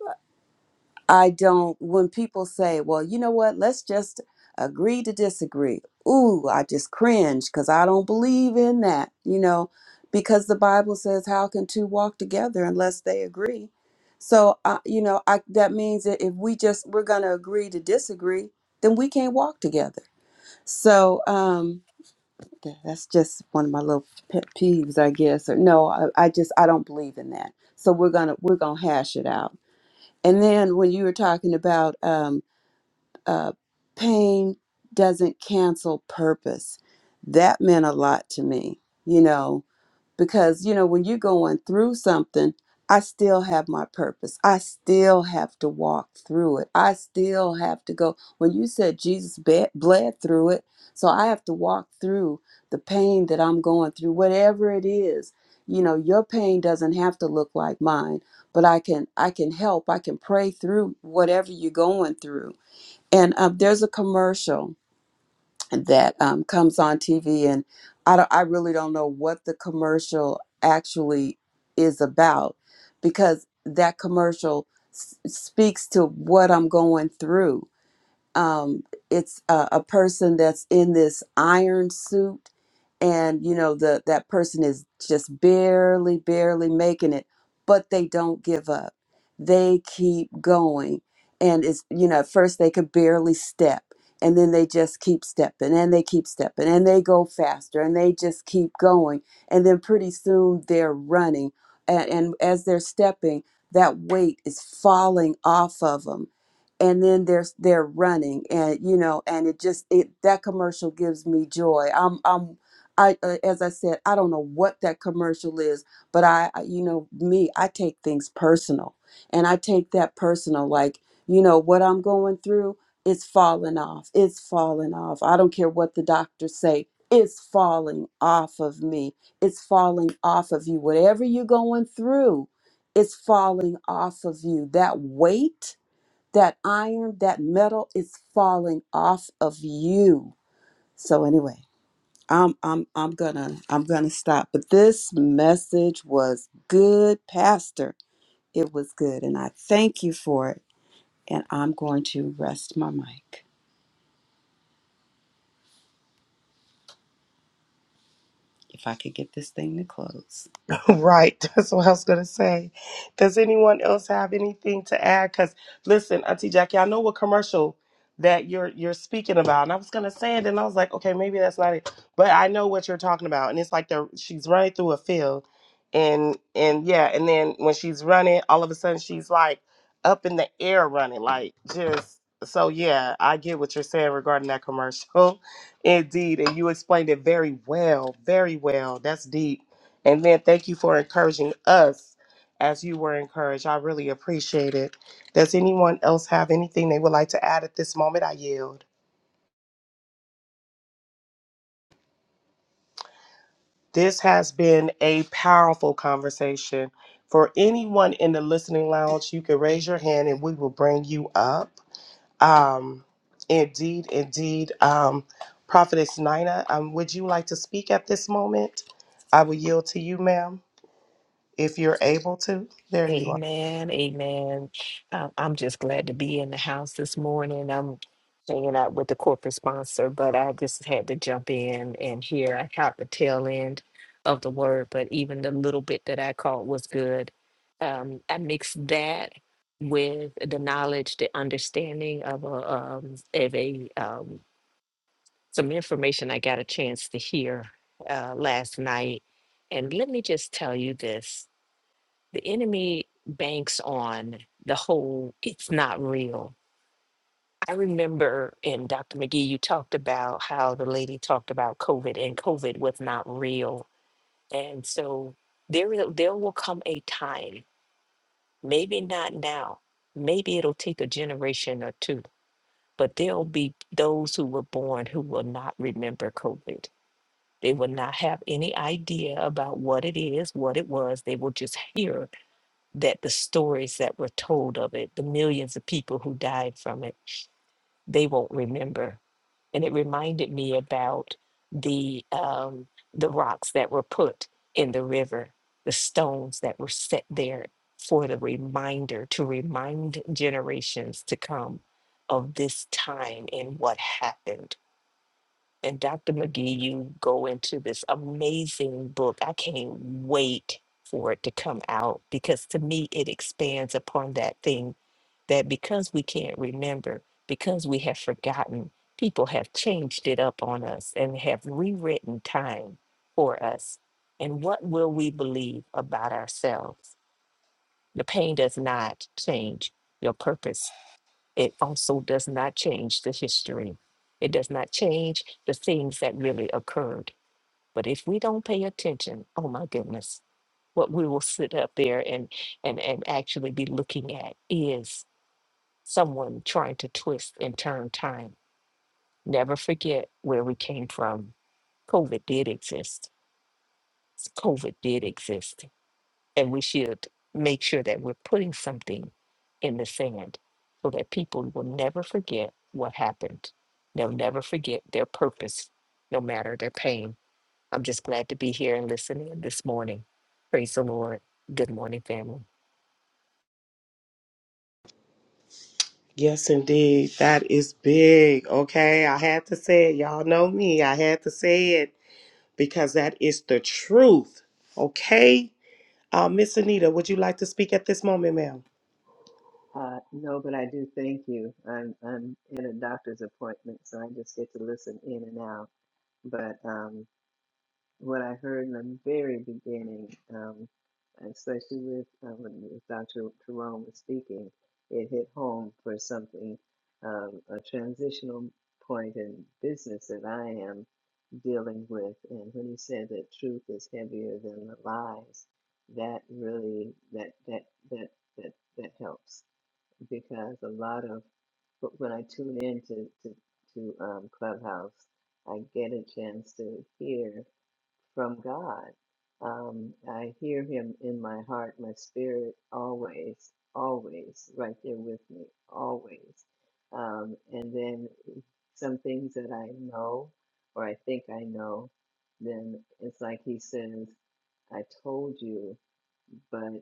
[SPEAKER 3] I don't, when people say, well, you know what, let's just agree to disagree. Ooh, I just cringe because I don't believe in that, you know, because the Bible says, how can two walk together unless they agree? So, uh, you know, I, that means that if we just, we're going to agree to disagree, then we can't walk together. So, um, th- that's just one of my little pet peeves, I guess. Or no, I, I just, I don't believe in that. So we're going to, we're going to hash it out and then when you were talking about um, uh, pain doesn't cancel purpose, that meant a lot to me. You know, because you know when you're going through something i still have my purpose i still have to walk through it i still have to go when you said jesus be- bled through it so i have to walk through the pain that i'm going through whatever it is you know your pain doesn't have to look like mine but i can i can help i can pray through whatever you're going through and um, there's a commercial that um, comes on TV, and I don't, I really don't know what the commercial actually is about because that commercial s- speaks to what I'm going through um, it's a, a person that's in this iron suit and you know the that person is just barely barely making it but they don't give up they keep going and it's you know at first they could barely step and then they just keep stepping and they keep stepping and they go faster and they just keep going and then pretty soon they're running and, and as they're stepping that weight is falling off of them and then there's they're running and you know and it just it that commercial gives me joy i'm i'm i uh, as i said i don't know what that commercial is but i I- you know me i take things personal and i take that personal like you know what i'm going through it's falling off it's falling off i don't care what the doctors say it's falling off of me it's falling off of you whatever you're going through it's falling off of you that weight that iron, that metal is falling off of you. So anyway, I'm I'm I'm gonna I'm gonna stop. But this message was good, Pastor. It was good, and I thank you for it. And I'm going to rest my mic if I could get this thing to close.
[SPEAKER 5] *laughs* Right, that's what I was gonna say. Does anyone else have anything to add? Because listen, Auntie Jackie, I know what commercial that you're you're speaking about, and I was gonna say it, and I was like, okay, maybe that's not it, but I know what you're talking about, and it's like they're she's running through a field, and and yeah, and then when she's running, all of a sudden she's like up in the air running, like just so yeah, I get what you're saying regarding that commercial, *laughs* indeed, and you explained it very well, very well. That's deep and then thank you for encouraging us as you were encouraged. I really appreciate it. Does anyone else have anything they would like to add at this moment? I yield. This has been a powerful conversation. For anyone in the listening lounge, you can raise your hand and we will bring you up. Um, indeed, indeed. Um, Prophetess Nina, um, would you like to speak at this moment? I will yield to you, ma'am, if you're able to. There you are.
[SPEAKER 7] Amen, amen. Um, I'm just glad to be in the house this morning. I'm hanging out with the corporate sponsor, but I just had to jump in and hear. I caught the tail end of the word, but even the little bit that I caught was good. Um, I mixed that with the knowledge, the understanding of a, um, of a um, some information I got a chance to hear uh, last night. And let me just tell you this the enemy banks on the whole it's not real i remember and dr mcgee you talked about how the lady talked about covid and covid was not real and so there will- there will come a time maybe not now maybe it'll take a generation or two but there'll be those who were born who will not remember covid they will not have any idea about what it is what it was they will just hear that the stories that were told of it, the millions of people who died from it, they won't remember. And it reminded me about the um, the rocks that were put in the river, the stones that were set there for the reminder to remind generations to come of this time and what happened and Dr. McGee, you go into this amazing book. I can't wait for it to come out because to me, it expands upon that thing that because we can't remember, because we have forgotten, people have changed it up on us and have rewritten time for us. And what will we believe about ourselves? The pain does not change. Your purpose it also does not change the history. It does not change the things that really occurred. But if we don't pay attention, oh my goodness, what we will sit up there and and and actually be looking at is someone trying to twist and turn time. Never forget where we came from. COVID did exist. S- COVID did exist and we should make sure that we're putting something in the sand so that people will never forget what happened. They'll never forget their purpose, no matter their pain. I'm just glad to be here and listening this morning. Praise the Lord. Good morning, family.
[SPEAKER 5] Yes, indeed. That is big. Okay. I had to say it. Y'all know me. I had to say it because that is the truth. Okay. Uh, Miss Anita, would you like to speak at this moment, ma'am?
[SPEAKER 2] Uh, no, but I do thank you. I'm I'm in a doctor's appointment, so I just get to listen in and out. But um, what I heard in the very beginning, um, especially with uh, when Dr. Jerome was speaking, it hit home for something, um, a transitional point in business that I am dealing with. And when he said that truth is heavier than the lies, that really that that that that that helps because a lot of but when I tune in to to, to um, Clubhouse, I get a chance to hear from God. Um, I hear Him in my heart, my spirit, always, always right there with me, always. Um, and then some things that I know or I think I know, then it's like He says, I told you, but.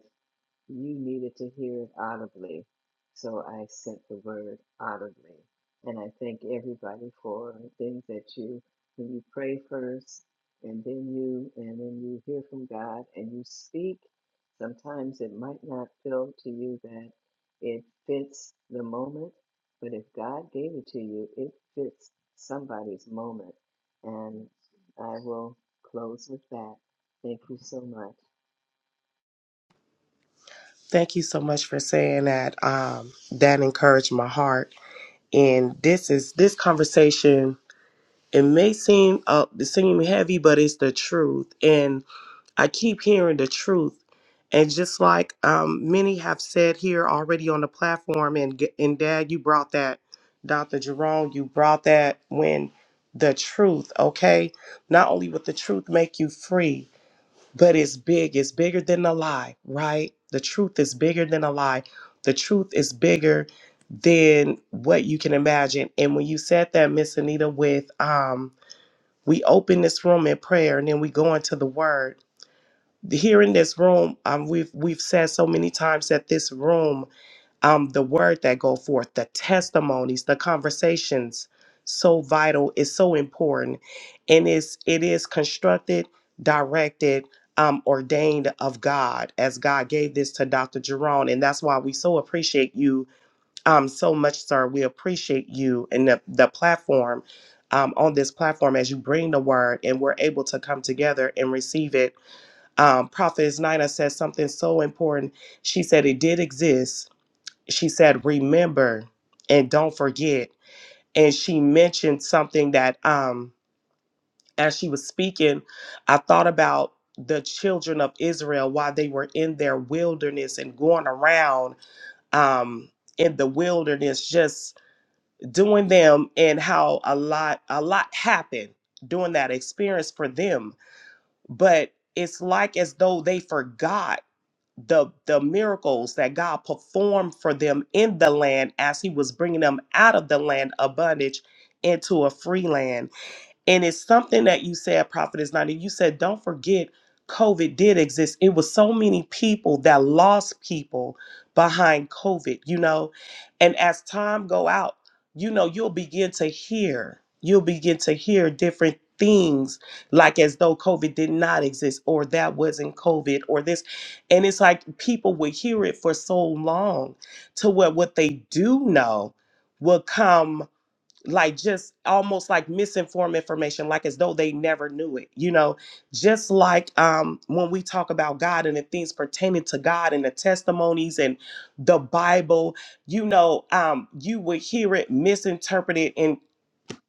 [SPEAKER 2] You needed to hear it audibly. So I sent the word audibly. And I thank everybody for the things that you, when you pray first, and then you, and then you hear from God and you speak. Sometimes it might not feel to you that it fits the moment, but if God gave it to you, it fits somebody's moment. And I will close with that. Thank you so much.
[SPEAKER 5] Thank you so much for saying that. Um, that encouraged my heart. And this is this conversation. It may seem uh, seem heavy, but it's the truth. And I keep hearing the truth. And just like um, many have said here already on the platform, and, G- and Dad, you brought that, Dr. Jerome, you brought that when the truth, okay? Not only would the truth make you free, but it's big. It's bigger than a lie, right? The truth is bigger than a lie. The truth is bigger than what you can imagine. And when you said that, Miss Anita, with um, we open this room in prayer and then we go into the word here in this room, um, we've we've said so many times that this room, um, the word that go forth, the testimonies, the conversations, so vital, is so important, and it's it is constructed, directed, um, ordained of God, as God gave this to Dr. Jerome, and that's why we so appreciate you, um, so much, sir. We appreciate you and the the platform. Um, on this platform, as you bring the word, and we're able to come together and receive it um, Prophetess Nina said something so important. She said it did exist. She said, remember and don't forget. And she mentioned something that um, as she was speaking, I thought about the children of Israel while they were in their wilderness and going around um, in the wilderness, just doing them and how a lot, a lot happened during that experience for them. But it's like as though they forgot the the miracles that God performed for them in the land as he was bringing them out of the land of bondage into a free land and it's something that you said, Prophet is not. And you said, don't forget, COVID did exist. It was so many people that lost people behind COVID, you know. And as time go out, you know, you'll begin to hear, you'll begin to hear different things like as though COVID did not exist or that wasn't COVID or this. And it's like people would hear it for so long to where what they do know will come like just almost like misinformed information like as though they never knew it you know just like um when we talk about god and the things pertaining to god and the testimonies and the bible you know um you would hear it misinterpreted and.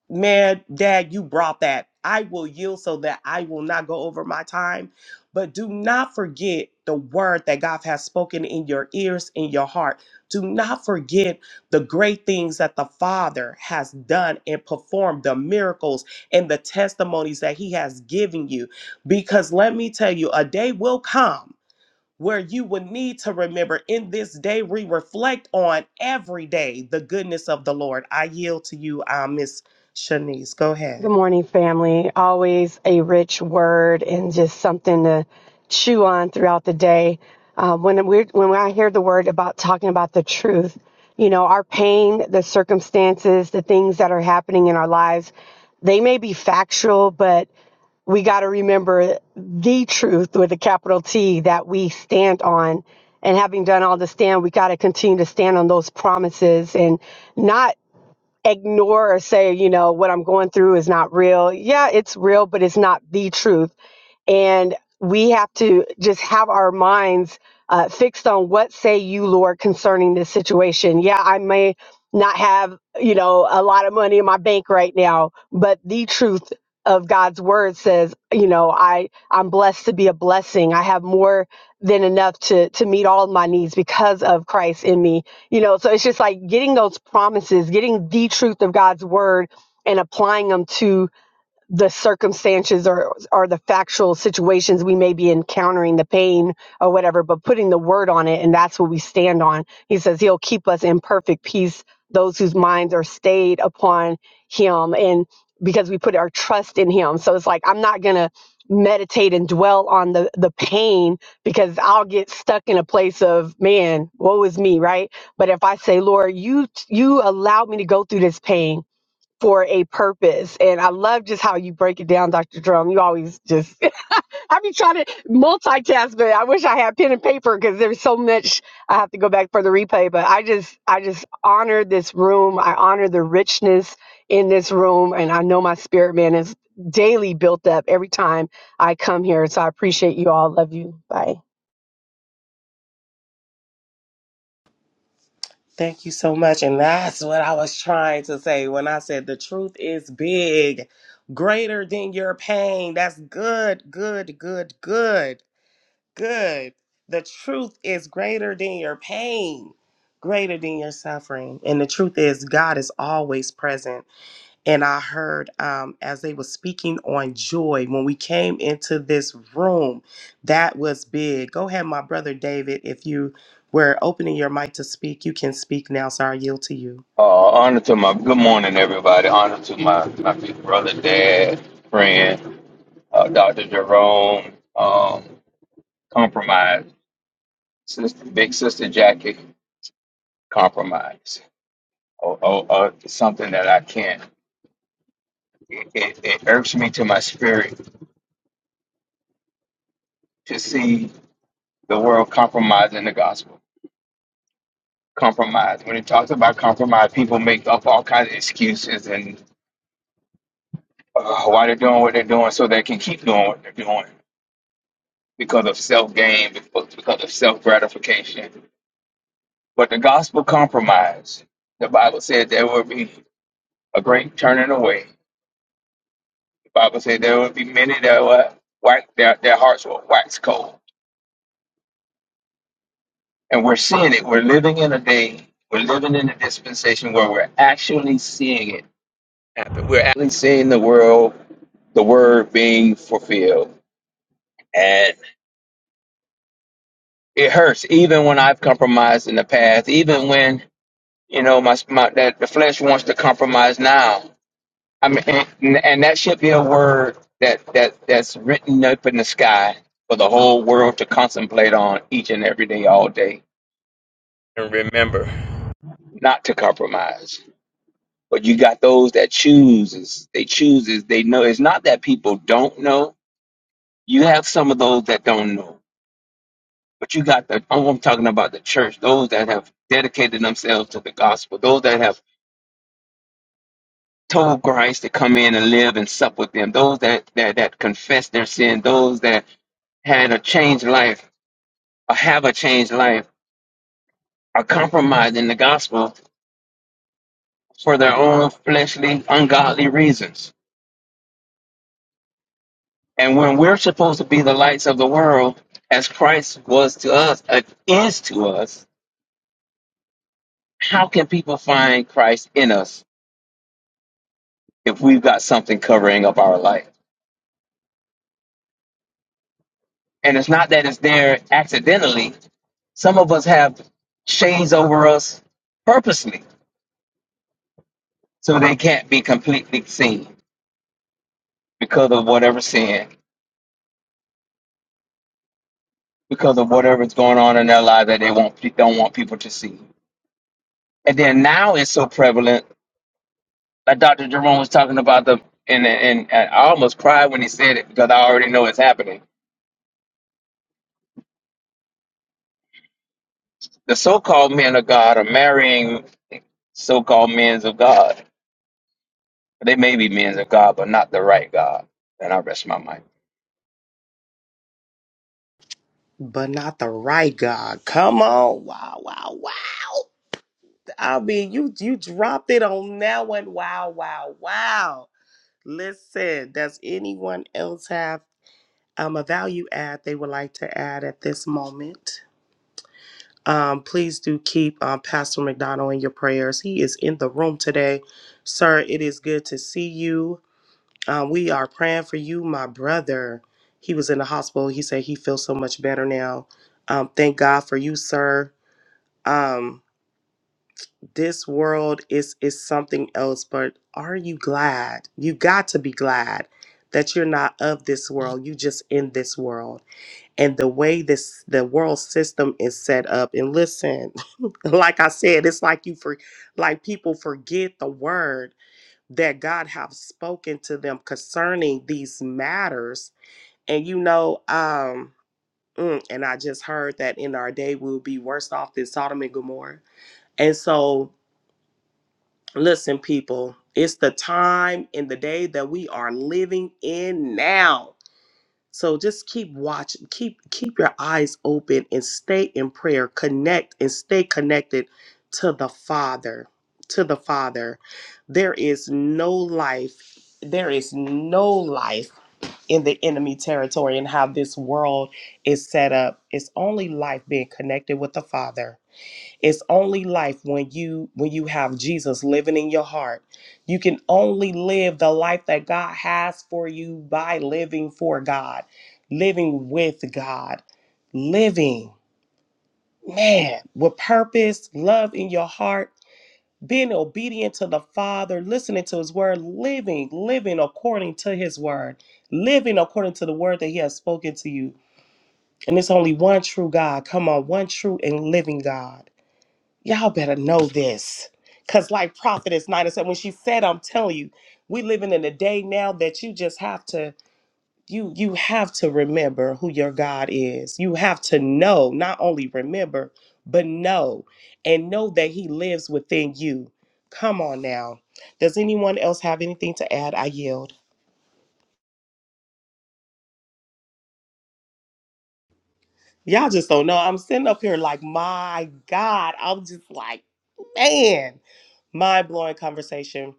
[SPEAKER 5] Man, Dad, you brought that. I will yield so that I will not go over my time. But do not forget the word that God has spoken in your ears, in your heart. Do not forget the great things that the Father has done and performed, the miracles and the testimonies that He has given you. Because let me tell you, a day will come where you would need to remember in this day, we reflect on every day the goodness of the Lord. I yield to you, uh, Miss Shanice. Go
[SPEAKER 8] Good
[SPEAKER 5] ahead.
[SPEAKER 8] morning, family. Always a rich word and just something to chew on throughout the day. Uh, when we when I hear the word about talking about the truth, you know, our pain, the circumstances, the things that are happening in our lives, they may be factual, but we got to remember the truth with a capital T that we stand on. And having done all the stand, we got to continue to stand on those promises and not ignore or say, you know, what I'm going through is not real. Yeah, it's real, but it's not the truth. And we have to just have our minds uh, fixed on what say you, Lord, concerning this situation. Yeah, I may not have, you know, a lot of money in my bank right now, but the truth of God's word says, you know, I I'm blessed to be a blessing. I have more than enough to to meet all my needs because of Christ in me you know so it's just like getting those promises getting the truth of god's word and applying them to the circumstances or or the factual situations we may be encountering the pain or whatever but putting the word on it and that's what we stand on he says he'll keep us in perfect peace those whose minds are stayed upon him and because we put our trust in him so it's like i'm not going to meditate and dwell on the the pain because i'll get stuck in a place of man woe is me right but if i say lord you you allowed me to go through this pain for a purpose. And I love just how you break it down, Dr. Drum. You always just, *laughs* I be trying to multitask, but I wish I had pen and paper because there's so much I have to go back for the replay. But I just, I just honor this room. I honor the richness in this room. And I know my spirit man is daily built up every time I come here. So I appreciate you all. Love you. Bye.
[SPEAKER 5] Thank you so much. And that's what I was trying to say when I said the truth is big, greater than your pain. That's good, good, good, good, good. The truth is greater than your pain, greater than your suffering. And the truth is, God is always present. and I heard um, as they were speaking on joy when we came into this room, that was big. Go ahead, my brother David. If you were opening your mic to speak, you can speak now. So I yield to you.
[SPEAKER 4] Uh, honor to my good morning, everybody. Honor to my my big brother, dad, friend, uh, Doctor Jerome. Um, compromise, sister, big sister Jackie. Compromise, or oh, oh, oh, something that I can't. It, it, it irks me to my spirit to see the world compromising the gospel. compromise. When it talks about compromise, people make up all kinds of excuses and uh, why they're doing what they're doing so they can keep doing what they're doing because of self gain, because because of self gratification. But the gospel compromise, the Bible said there will be a great turning away. The Bible said there will be many that will wax, their, their hearts will wax cold. And we're seeing it. We're living in a day, we're living in a dispensation where we're actually seeing it happen. We're actually seeing the world the word being fulfilled. And it hurts even when I've compromised in the past, even when, you know, my, my that the flesh wants to compromise now. I mean, and, and that should be a word that, that that's written up in the sky for the whole world to contemplate on each and every day, all day. And remember not to compromise. But you got those that chooses, they chooses, they know. It's not that people don't know. You have some of those that don't know But you got the, oh, I'm talking about the church, those that have dedicated themselves to the gospel, those that have told Christ to come in and live and sup with them, those that, that, that confess their sin, those that had a changed life or have a changed life are compromising the gospel for their own fleshly, ungodly reasons. And when we're supposed to be the lights of the world, as Christ was to us, uh, is to us, how can people find Christ in us if we've got something covering up our light? And it's not that it's there accidentally. Some of us have shades over us purposely so they can't be completely seen because of whatever sin, because of whatever's going on in their life that they won't, don't want people to see. And then now it's so prevalent. Like Dr. Jerome was talking about the, and, and, and I almost cried when he said it because I already know it's happening. The so called men of God are marrying so called men of God. They may be men of God, but not the right God. And I rest my mind.
[SPEAKER 5] But not the right God. Come on. Wow, wow, wow. I mean, you you dropped it on that one. Wow, wow, wow. Listen, does anyone else have um, a value add they would like to add at this moment? Um, please do keep um, Pastor McDonald in your prayers. He is in the room today. Sir, it is good to see you. Um, we are praying for you, my brother. He was in the hospital. He said he feels so much better now. Um, thank God for you, sir. Um, this world is is something else, but are you glad? You got to be glad that you're not of this world. You just in this world and the way this the world system is set up and listen *laughs* like i said it's like you for like people forget the word that god have spoken to them concerning these matters and you know um mm, and i just heard that in our day we'll be worse off than sodom and gomorrah and so listen people it's the time in the day that we are living in now so just keep watching, keep keep your eyes open and stay in prayer. Connect and stay connected to the Father. To the Father. There is no life, there is no life in the enemy territory and how this world is set up. It's only life being connected with the Father it's only life when you when you have jesus living in your heart you can only live the life that god has for you by living for god living with god living man with purpose love in your heart being obedient to the father listening to his word living living according to his word living according to the word that he has spoken to you and it's only one true god come on one true and living god y'all better know this. Cause like Prophetess Nina said, when she said, I'm telling you, we living in a day now that you just have to you you have to remember who your God is. You have to know, not only remember, but know and know that he lives within you. Come on now. Does anyone else have anything to add? I yield. Y'all just don't know. I'm sitting up here like, my God. I'm just like, man, mind blowing conversation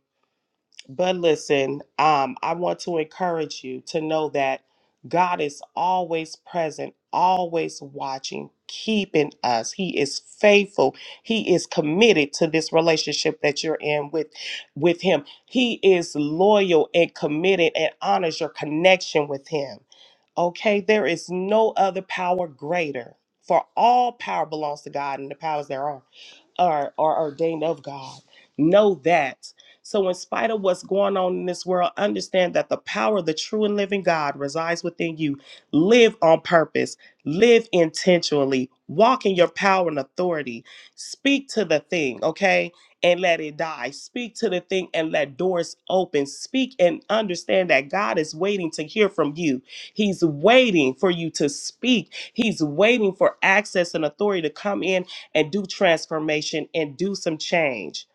[SPEAKER 5] But listen, um, I want to encourage you to know that God is always present, always watching, keeping us. He is faithful. He is committed to this relationship that you're in with with him. He is loyal and committed and honors your connection with him. Okay, there is no other power greater. For all power belongs to God and the powers thereof are, are ordained of God. Know that. So, in spite of what's going on in this world, understand that the power of the true and living God resides within you. Live on purpose, live intentionally, walk in your power and authority. Speak to the thing, okay? And let it die. Speak to the thing and let doors open. Speak and understand that God is waiting to hear from you. He's waiting for you to speak. He's waiting for access and authority to come in and do transformation and do some change.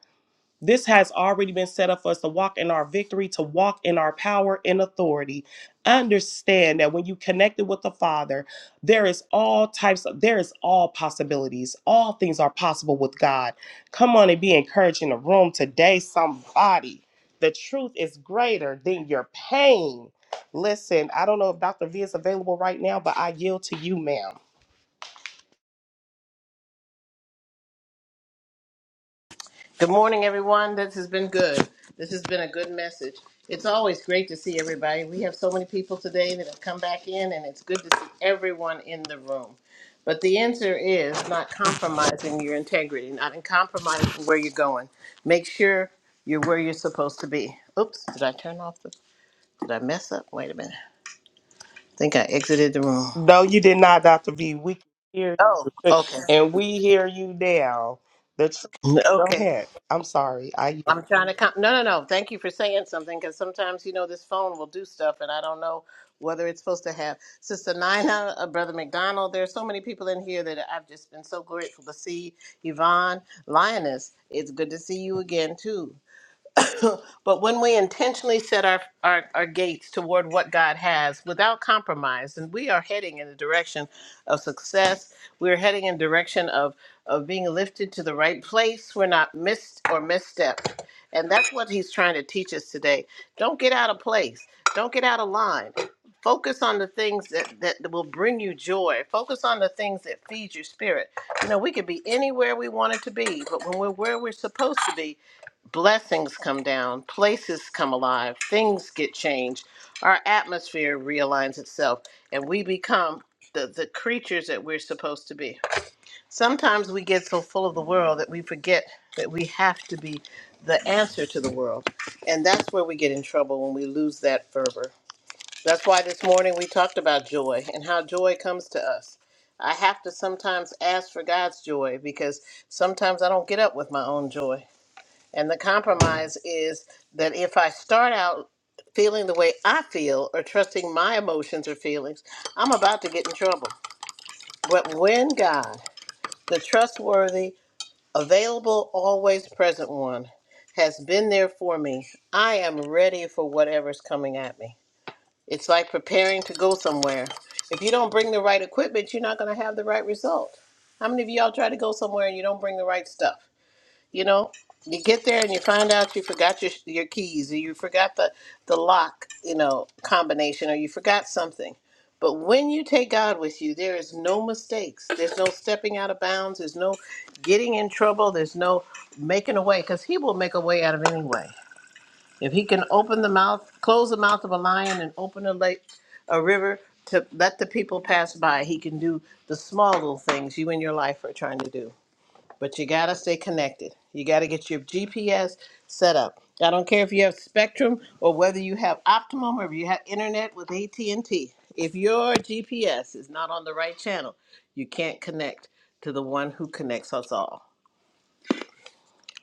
[SPEAKER 5] This has already been set up for us to walk in our victory, to walk in our power and authority. Understand that when you connected with the Father, there is all types of there is all possibilities. All things are possible with God. Come on and be encouraged in the room today, somebody. The truth is greater than your pain. Listen, I don't know if Dr. V is available right now, but I yield to you, ma'am.
[SPEAKER 1] Good morning, everyone. This has been good. This has been a good message. It's always great to see everybody. We have so many people today that have come back in, and it's good to see everyone in the room. But the answer is not compromising your integrity, not in compromising where you're going. Make sure you're where you're supposed to be. Oops, did I turn off the? Did I mess up? Wait a minute. I think I exited the room.
[SPEAKER 5] No, you did not, Dr. V. We can hear
[SPEAKER 1] Oh,
[SPEAKER 5] you.
[SPEAKER 1] okay.
[SPEAKER 5] *laughs* And we hear you now. The tr- Go
[SPEAKER 1] Okay.
[SPEAKER 5] ahead. I'm sorry. I
[SPEAKER 1] I'm trying to come. No, no, no. Thank you for saying something because sometimes, you know, this phone will do stuff and I don't know whether it's supposed to have. Sister Nina, uh, Brother McDonald, there are so many people in here that I've just been so grateful to see. Yvonne, Lioness, it's good to see you again, too. *laughs* but when we intentionally set our, our, our gates toward what God has without compromise, and we are heading in the direction of success, we're heading in direction of, of being lifted to the right place. We're not missed or misstepped. And that's what he's trying to teach us today. Don't get out of place. Don't get out of line. Focus on the things that, that will bring you joy. Focus on the things that feed your spirit. You know, we could be anywhere we wanted to be, but when we're where we're supposed to be, blessings come down, places come alive, things get changed, our atmosphere realigns itself, and we become the, the creatures that we're supposed to be. Sometimes we get so full of the world that we forget that we have to be the answer to the world. And that's where we get in trouble when we lose that fervor. That's why this morning we talked about joy and how joy comes to us. I have to sometimes ask for God's joy because sometimes I don't get up with my own joy. And the compromise is that if I start out feeling the way I feel or trusting my emotions or feelings, I'm about to get in trouble. But when God, the trustworthy, available, always present one, has been there for me, I am ready for whatever's coming at me. It's like preparing to go somewhere. If you don't bring the right equipment, you're not going to have the right result. How many of y'all try to go somewhere and you don't bring the right stuff? You know, you get there and you find out you forgot your your keys, or you forgot the the lock, you know, combination, or you forgot something. But when you take God with you, there is no mistakes. There's no stepping out of bounds. There's no getting in trouble. There's no making a way, because He will make a way out of any way. If He can open the mouth, close the mouth of a lion, and open a lake, a river to let the people pass by, He can do the small little things you in your life are trying to do but you gotta stay connected. You gotta get your GPS set up. I don't care if you have Spectrum or whether you have Optimum or if you have internet with AT and T. If your GPS is not on the right channel, you can't connect to the one who connects us all.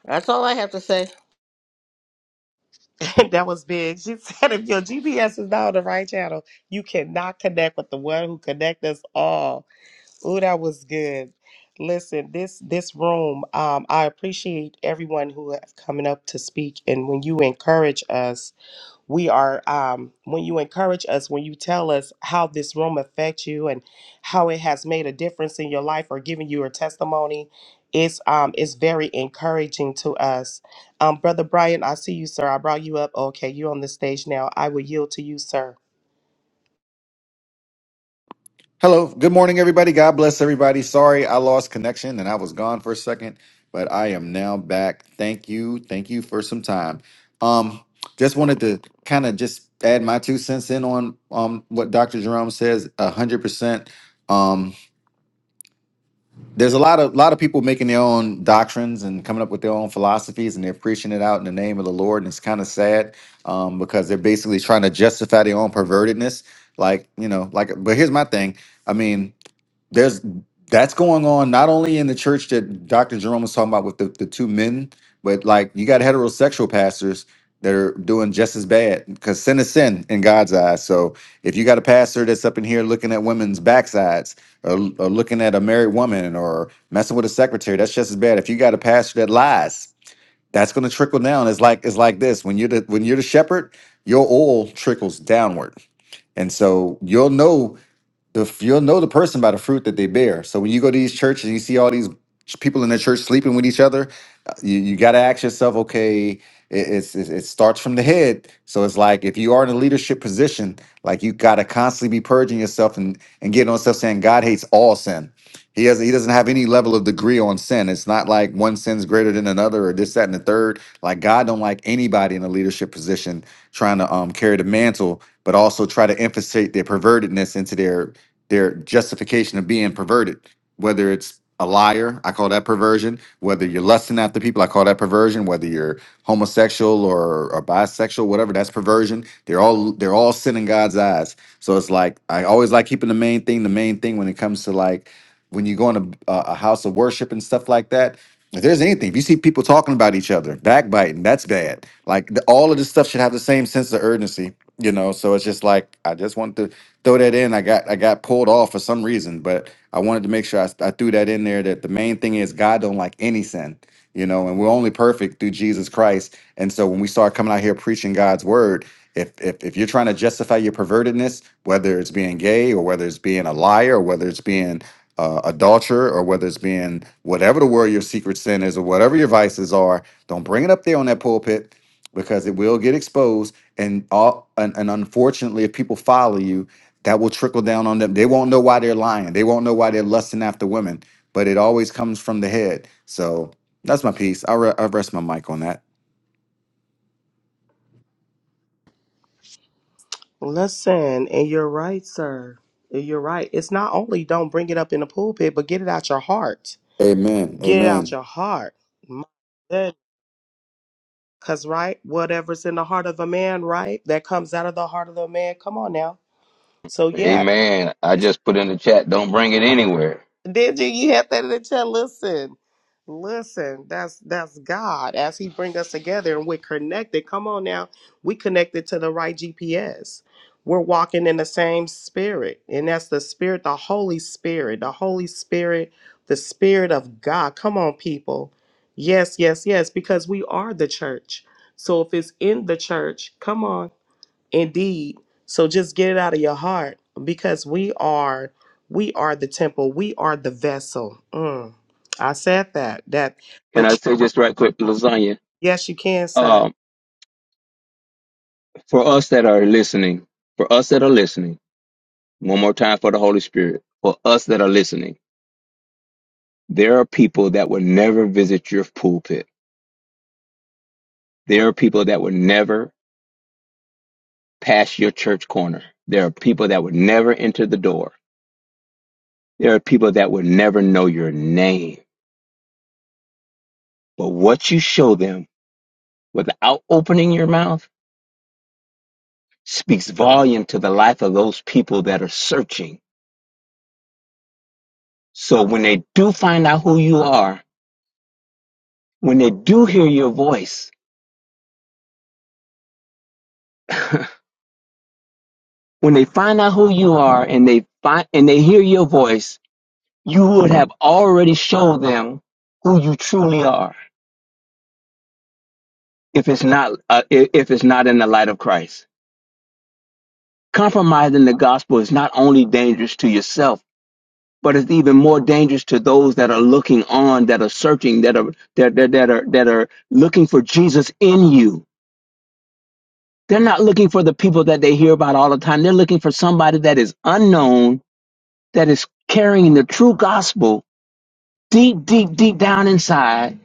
[SPEAKER 1] That's all I have to say.
[SPEAKER 5] yield. *laughs* that was big. She said if your GPS is not on the right channel, you cannot connect with the one who connect us all. Ooh, that was good. Listen, this this room, um, I appreciate everyone who have coming up to speak and when you encourage us we are um, when you encourage us when you tell us how this room affects you and how it has made a difference in your life or giving you a testimony it's um it's very encouraging to us um brother brian i see you sir i brought you up okay you on the stage now i will yield to you sir
[SPEAKER 9] Hello. Good morning, everybody. God bless everybody. Sorry I lost connection and I was gone for a second, but I am now back. Thank you. Thank you for some time. Um, just wanted to kind of just add my two cents in on um what Dr. Jerome says. A hundred percent. Um, there's a lot of lot of people making their own doctrines and coming up with their own philosophies, and they're preaching it out in the name of the Lord, and it's kind of sad um, because they're basically trying to justify their own pervertedness. Like you know, like. But here's my thing. I mean, there's that's going on not only in the church that Dr. Jerome was talking about with the, the two men, but like you got heterosexual pastors that are doing just as bad because sin is sin in God's eyes. So if you got a pastor that's up in here looking at women's backsides or, or looking at a married woman or messing with a secretary, that's just as bad. If you got a pastor that lies, that's going to trickle down. It's like it's like this when you're the when you're the shepherd, your oil trickles downward, and so you'll know if you'll know the person by the fruit that they bear. So when you go to these churches and you see all these ch- people in the church sleeping with each other, uh, you, you got to ask yourself, okay, it, it's, it, it starts from the head. So it's like if you are in a leadership position, like you got to constantly be purging yourself and, and getting on stuff saying God hates all sin. He has he doesn't have any level of degree on sin. It's not like one sin's greater than another or this, that, and the third. Like God don't like anybody in a leadership position trying to um carry the mantle, but also try to infiltrate their pervertedness into their their justification of being perverted, whether it's a liar, I call that perversion. Whether you're lusting after people, I call that perversion. Whether you're homosexual or, or bisexual, whatever, that's perversion. They're all they're all sin in God's eyes. So it's like I always like keeping the main thing the main thing when it comes to like when you go in a, a a house of worship and stuff like that. If there's anything, if you see people talking about each other, backbiting, that's bad. Like the, all of this stuff should have the same sense of urgency, you know. So it's just like I just want to throw that in. I got I got pulled off for some reason, but I wanted to make sure I, I threw that in there. That the main thing is God don't like any sin, you know, and we're only perfect through Jesus Christ. And so when we start coming out here preaching God's word, if if if you're trying to justify your pervertedness, whether it's being gay or whether it's being a liar or whether it's being uh, adulterer or whether it's being whatever the word your secret sin is or whatever your vices are, don't bring it up there on that pulpit because it will get exposed. And all and, and unfortunately, if people follow you, that will trickle down on them. They won't know why they're lying. They won't know why they're lusting after women, but it always comes from the head. So that's my piece. I'll, re- I'll rest my mic on that.
[SPEAKER 5] Listen, and you're right, sir. You're right. it's not only don't bring it up in the pulpit but get it out your heart
[SPEAKER 9] Amen.
[SPEAKER 5] get it out
[SPEAKER 9] Amen.
[SPEAKER 5] your heart My Cause right, whatever's in the heart of a man, right, that comes out of the heart of the man. Come on now. So yeah,
[SPEAKER 4] Amen. I
[SPEAKER 5] it's,
[SPEAKER 4] just put in the chat, don't bring it anywhere.
[SPEAKER 5] did you? You have that in the chat. Listen, listen. That's that's God as He bring us together and we're connected. Come on now, we connected to the right GPS. We're walking in the same spirit, and that's the spirit, the Holy Spirit, the Holy Spirit, the Spirit of God. Come on, people. Yes, yes, yes. Because we are the church. So if it's in the church, come on. Indeed. So just get it out of your heart because we are we are the temple. We are the vessel. Mm. I said that. That the
[SPEAKER 4] Can I
[SPEAKER 5] tr-
[SPEAKER 4] say just right quick, lasagna?
[SPEAKER 5] yes you can, sir.
[SPEAKER 4] Um, for us that are listening, for us that are listening, one more time for the Holy Spirit, for us that are listening, there are people that will never visit your pulpit. There are people that will never pass your church corner. There are people that would never enter the door. There are people that would never know your name. But what you show them without opening your mouth, speaks volume to the life of those people that are searching. So when they do find out who you are, when they do hear your voice, *laughs* when they find out who you are and they find and they hear your voice, you would have already shown them who you truly are. If it's not uh, if it's not in the light of Christ, compromising the gospel is not only dangerous to yourself but it's even more dangerous to those that are looking on, that are searching, that are that that, that are that are looking for Jesus in you. They're not looking for the people that they hear about all the time. They're looking for somebody that is unknown, that is carrying the true gospel deep, deep, deep down inside,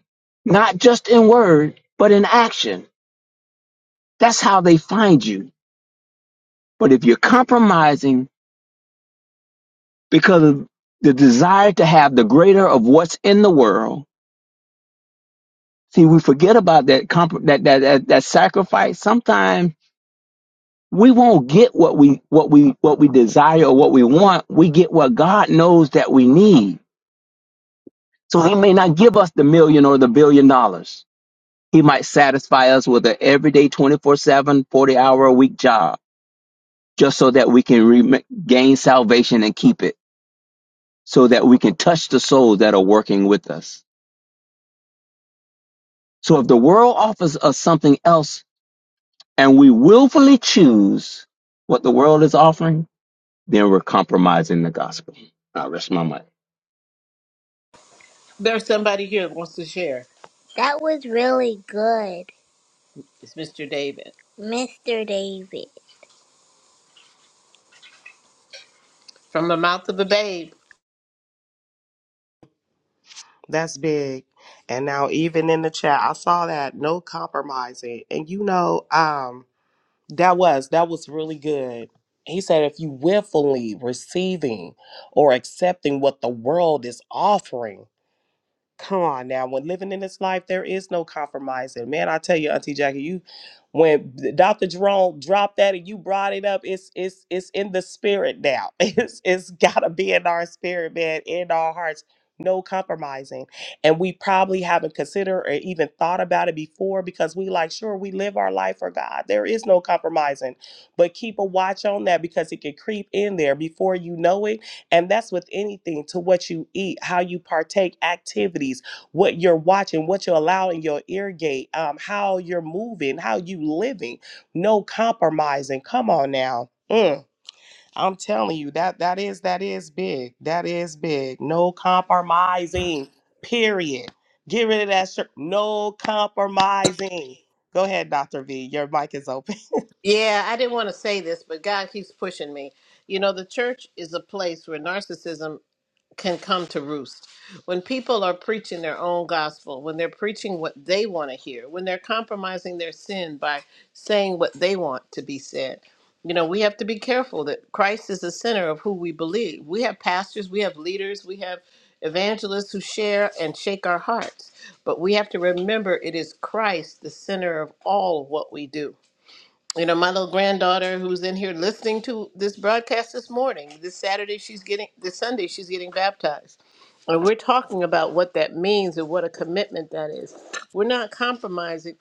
[SPEAKER 4] not just in word, but in action. That's how they find you. But if you're compromising because of the desire to have the greater of what's in the world, See, we forget about that comp- that, that that that sacrifice. Sometimes we won't get what we what we what we desire or what we want. We get what God knows that we need. So He may not give us the million or the billion dollars. He might satisfy us with an everyday 24 740 hour a week job, just so that we can re- gain salvation and keep it, so that we can touch the souls that are working with us. So if the world offers us something else and we willfully choose what the world is offering, then we're compromising the gospel. I rest my mic.
[SPEAKER 1] There's somebody here that wants to share. That was really good. It's Mr. David. Mr. David. From the mouth of a babe.
[SPEAKER 5] That's big. And now even in the chat, I saw that no compromising. And you know, um, that was that was really good. He said if you willfully receiving or accepting what the world is offering Come on now. When living in this life, there is no compromising. Man, I tell you, Auntie Jackie, you when Dr. Jerome dropped that and you brought it up, it's it's it's in the spirit now. *laughs* It's it's gotta be in our spirit, man, in our hearts. No compromising. And we probably haven't considered or even thought about it before because we like, sure, we live our life for God. There is no compromising. But keep a watch on that because it can creep in there before you know it and that's with anything to what you eat, how you partake, activities, what you're watching, what you're allowing your ear gate, um, how you're moving, how you living. No compromising. Come on now. Mm. I'm telling you that that is that is big. That is big. No compromising. Period. Get rid of that shirt. No compromising. Go ahead, Dr. V. Your mic is open.
[SPEAKER 1] Yeah, I didn't want to say this, but God keeps pushing me. You know, the church is a place where narcissism can come to roost. When people are preaching their own gospel, when they're preaching what they want to hear, when they're compromising their sin by saying what they want to be said. You know, we have to be careful that Christ is the center of who we believe. We have pastors, we have leaders, we have evangelists who share and shake our hearts. But we have to remember it is Christ the center of all what we do you know my little granddaughter who's in here listening to this broadcast this morning this saturday she's getting this sunday she's getting baptized and we're talking about what that means and what a commitment that is we're not compromising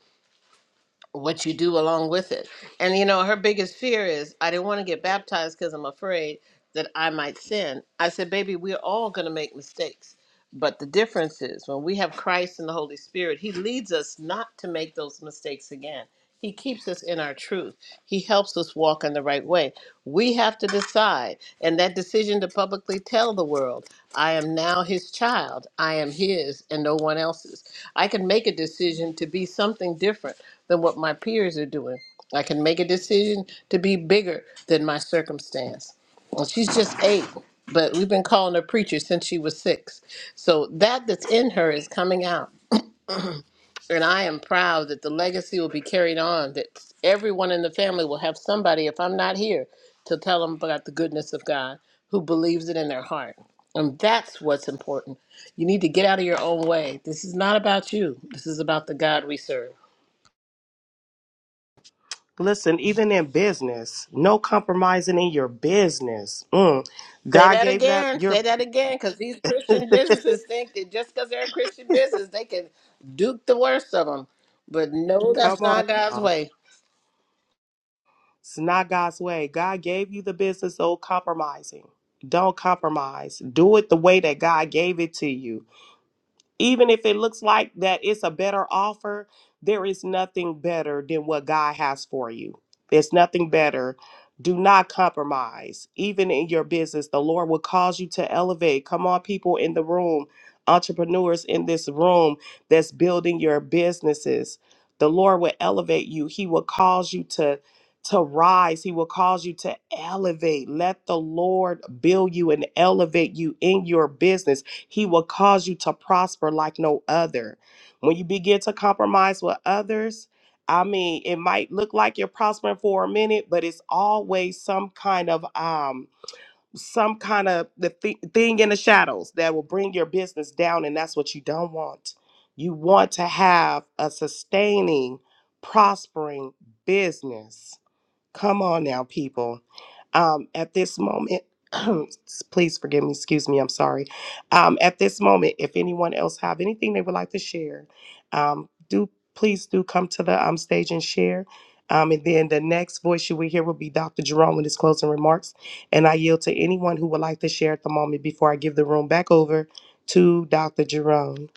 [SPEAKER 1] what you do along with it and you know her biggest fear is i didn't want to get baptized because i'm afraid that i might sin i said baby we're all going to make mistakes but the difference is when we have christ and the holy spirit he leads us not to make those mistakes again he keeps us in our truth. He helps us walk in the right way. We have to decide, and that decision to publicly tell the world, I am now his child, I am his and no one else's. I can make a decision to be something different than what my peers are doing. I can make a decision to be bigger than my circumstance. Well, she's just eight, but we've been calling her preacher since she was six. So that that's in her is coming out and I am proud that the legacy will be carried on, that everyone in the family will have somebody, if I'm not here, to tell them about the goodness of God who believes it in their heart. And that's what's important. You need to get out of your own way. This is not about you, this is about the God we serve.
[SPEAKER 5] Listen, even in business, no compromising in your business. Mm.
[SPEAKER 1] Say
[SPEAKER 5] God
[SPEAKER 1] that
[SPEAKER 5] gave that
[SPEAKER 1] again.
[SPEAKER 5] your
[SPEAKER 1] Say that again, because these Christian
[SPEAKER 5] *laughs*
[SPEAKER 1] businesses think that just because they're a Christian business, they can duke the worst of them. But no,
[SPEAKER 5] come
[SPEAKER 1] that's
[SPEAKER 5] on
[SPEAKER 1] not God's
[SPEAKER 5] now.
[SPEAKER 1] way.
[SPEAKER 5] It's not God's way. God gave you the business, so compromising. Don't compromise. Do it the way that God gave it to you. even if it looks like that it's a better offer, there is nothing better than what God has for you. There's nothing better. Do not compromise. Even in your business, the Lord will cause you to elevate. Come on, people in the room, entrepreneurs in this room that's building your businesses. The Lord will elevate you. He will cause you to to rise. He will cause you to elevate. Let the Lord build you and elevate you in your business he will cause you to prosper like no other. When you begin to compromise with others, I mean, it might look like you're prospering for a minute, but it's always some kind of um some kind of the thi- thing in the shadows that will bring your business down and that's what you don't want. You want to have a sustaining, prospering business Come on now, people. Um, at this moment, *clears throat* please forgive me. Excuse me. I'm sorry. Um, at this moment, if anyone else have anything they would like to share, um, do please do come to the um, stage and share. Um, and then the next voice you will hear will be Dr. Jerome with his closing remarks. And I yield to anyone who would like to share at the moment before I give the room back over to Dr. Jerome.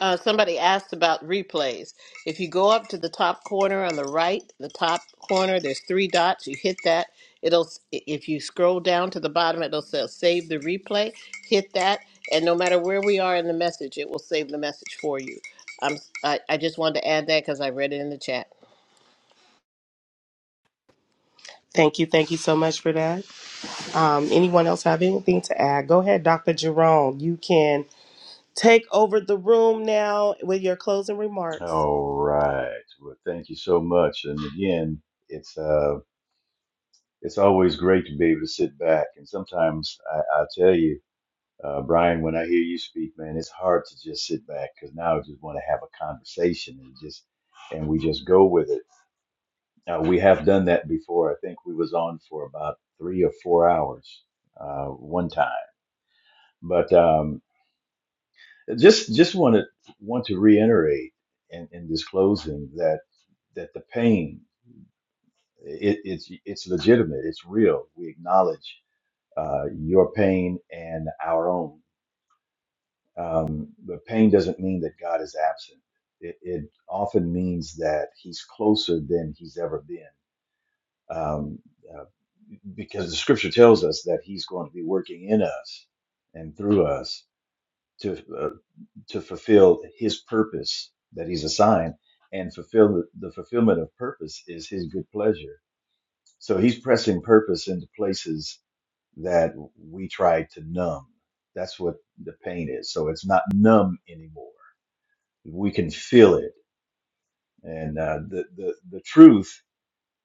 [SPEAKER 1] Uh, somebody asked about replays. If you go up to the top corner on the right, the top corner, there's three dots. You hit that. It'll. If you scroll down to the bottom, it'll say save the replay. Hit that, and no matter where we are in the message, it will save the message for you. I'm. I, I just wanted to add that because I read it in the chat.
[SPEAKER 5] Thank you. Thank you so much for that. Um, anyone else have anything to add? Go ahead, Dr. Jerome. You can take over the room now with your closing
[SPEAKER 6] All
[SPEAKER 5] remarks.
[SPEAKER 6] right. Well, thank you so. And it's uh, it's always great. I, I tell you. uh, Brian, when I hear you speak, man, it's hard to now just want to have a conversation and just and we just go with it. Now, we have done that before. I think we was on for about three or four hours uh, one time. But um, just just want to want to reiterate in, in this closing that that the pain it, it's it's legitimate. It's real. We acknowledge uh, your pain and our own Um, but pain doesn't mean that God is absent. It, it often means that He's closer than He's ever been, um, uh, because the Scripture tells us that He's going to be working in us and through us to uh, to fulfill His purpose that He's assigned, and fulfill the, the fulfillment of purpose is His good pleasure. So He's pressing purpose into places that we try to numb. That's what the pain is. So it's not numb anymore we can feel it. And uh, the, the the truth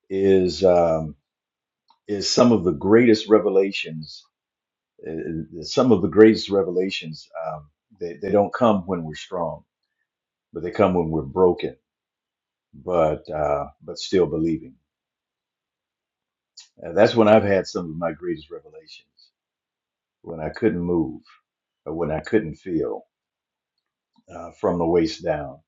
[SPEAKER 6] is um, is some of the greatest revelations. Uh, uh, some of the greatest revelations um, they they don't come when we're strong, but they come when we're broken, but uh, but still believing. Uh, that's when I've had some of my greatest revelations when I couldn't move, or when I couldn't feel uh, from the waist down,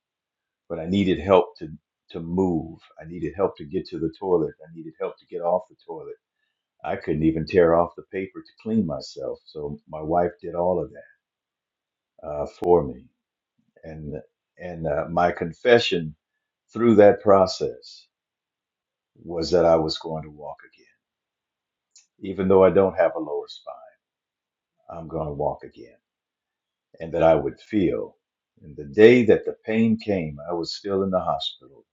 [SPEAKER 6] but I needed help to to move, I needed help to get to the toilet, I needed help to get off the toilet I couldn't even tear off the paper to clean myself. So my wife did all of that uh, for me, and and uh, my confession through that process was that I was going to walk again, even though I don't have a lower spine. I'm going to walk again, and that I would feel. And the day that the pain came, I was still in the hospital.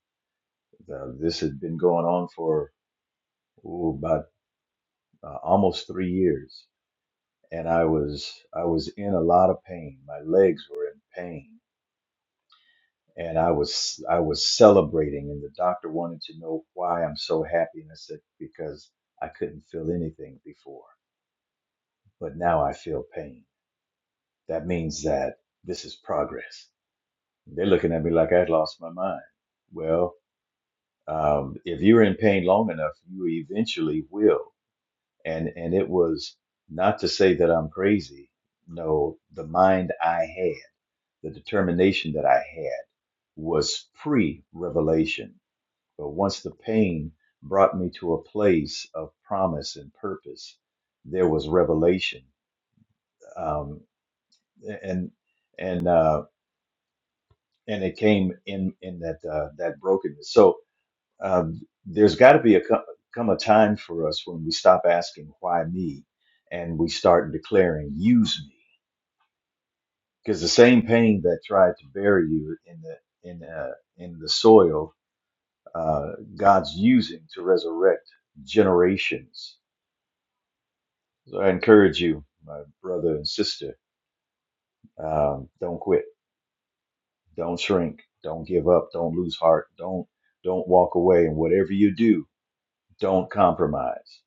[SPEAKER 6] The, this had been going on for ooh, about uh, almost three years, and I was I was in a lot of pain. My legs were in pain and I was I was celebrating, and the doctor wanted to know why I'm so happy, and I said because I couldn't feel anything before, but now I feel pain. That means that this is progress. They're looking at me like I'd lost my mind. Well, um, if you're in pain long enough, you eventually will. And and it was not to say that I'm crazy. No, the mind I had, the determination that I had, was pre-revelation But once the pain brought me to a place of promise and purpose, there was revelation, um, and and uh, and it came in in that uh, that brokenness. So um, there's got to be a co- come a time for us when we stop asking why me, and we start declaring use me, because the same pain that tried to bury you in the in uh, in the soil, uh, God's using to resurrect generations So I encourage you, my brother and sister, um, don't quit, don't shrink, don't give up, don't lose heart, don't don't walk away, and whatever you do, don't compromise.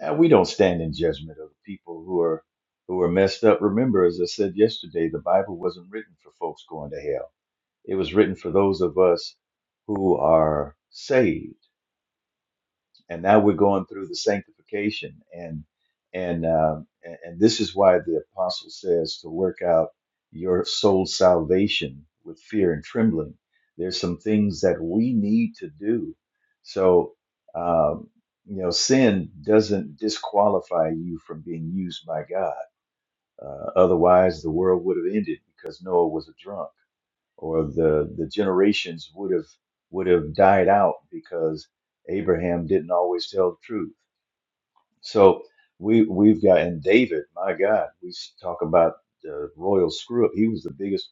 [SPEAKER 6] And we don't stand in judgment of people who are who are messed up. Remember, as I said yesterday, the Bible wasn't written for folks going to hell. It was written for those of us who are saved and now we're going through the sanctification and and um, and, and this is why the apostle says to work out your soul salvation with fear and trembling there's some things that we need to do so um, you know sin doesn't disqualify you from being used by god uh, otherwise the world would have ended because noah was a drunk or the the generations would have would have died out because Abraham didn't always tell the truth. So we we've got and David, my God, we s- talk about the royal screw up. He was the biggest.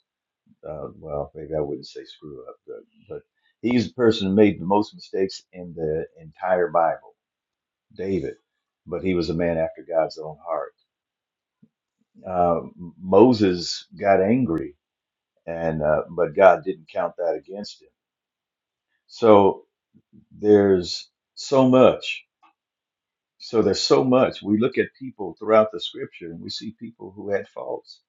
[SPEAKER 6] Uh, well, maybe I wouldn't say screw up, but, but he's the person who made the most mistakes in the entire Bible, David. But he was a man after God's own heart. Uh, Moses got angry, and uh, but God didn't count that against him. So there's so much. So there's so much. We look at people throughout the scripture and we see people who had faults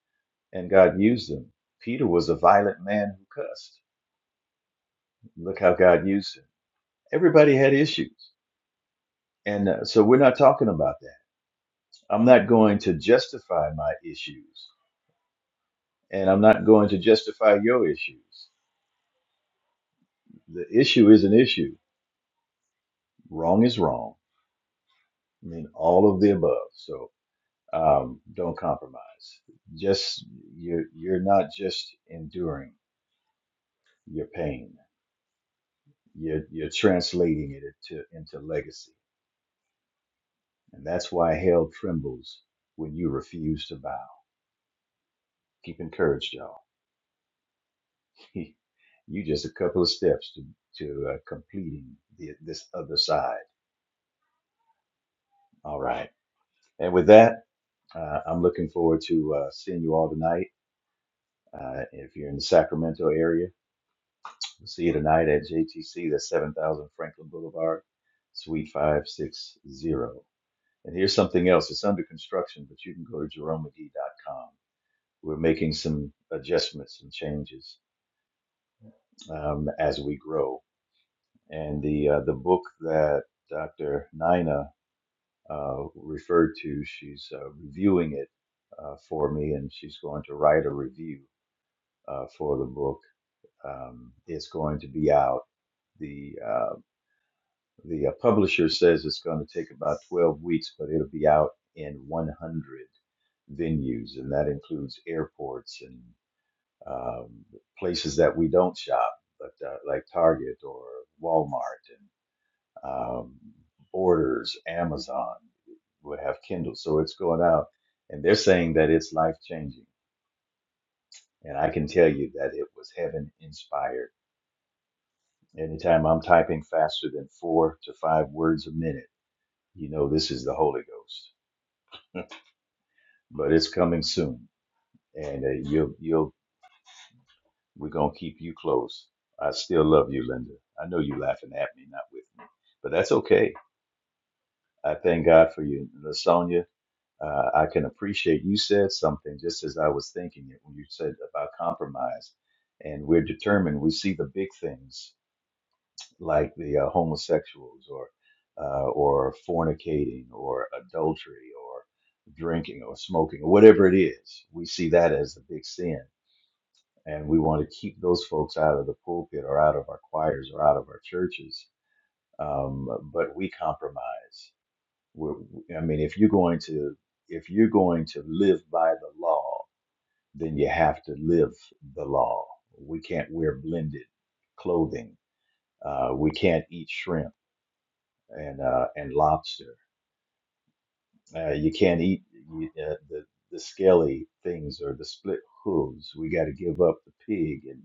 [SPEAKER 6] and God used them. Peter was a violent man who cussed. Look how God used him. Everybody had issues. And uh, so we're not talking about that. I'm not going to justify my issues and I'm not going to justify your issues. The issue is an issue. Wrong is wrong. I mean, all of the above. So Um, don't compromise. Just you're you're not just enduring your pain. You're you're translating it into into legacy, and that's why hell trembles when you refuse to bow. Keep encouraged, y'all. *laughs* you just a couple of steps to to uh, completing the, this other side. All right, and with that, uh, I'm looking forward to uh, seeing you all tonight. Uh, if you're in the Sacramento area. We'll see you tonight at JTC, that's 7000 Franklin Boulevard, Suite 560. And here's something else. It's under construction, but you can go to jerome mcgee dot com. We're making some adjustments and changes um, as we grow. And the uh, the book that Dr. Nina uh, referred to, she's uh, reviewing it uh, for me, and she's going to write a review uh, for the book. Um, it's going to be out the uh, The uh, publisher says it's going to take about 12 weeks, but it'll be out in 100 venues, and that includes airports and um, places that we don't shop, but uh, like Target or Walmart and um, Borders, Amazon would have Kindle. So it's going out, and they're saying that it's life changing. And I can tell you that it was heaven inspired. Anytime I'm typing faster than four to five words a minute, you know this is the Holy Ghost. but it's coming soon, and uh, you'll you'll we're gonna keep you close. I still love you, Linda. I know you're laughing at me, not with me, but that's okay. I thank God for you, Lasonia. Uh, I can appreciate you said something just as I was thinking it when you said about compromise, and we're determined. We see the big things like the uh, homosexuals or uh, or fornicating or adultery or drinking or smoking or whatever it is. We see that as the big sin and we want to keep those folks out of the pulpit or out of our choirs or out of our churches. Um, but we compromise. We're, I mean, if you're going to if you're going to live by the law, then you have to live the law. We can't wear blended clothing. Uh, we can't eat shrimp and uh, and lobster. Uh, you can't eat you, uh, the the scaly things or the split hooves. We got to give up the pig and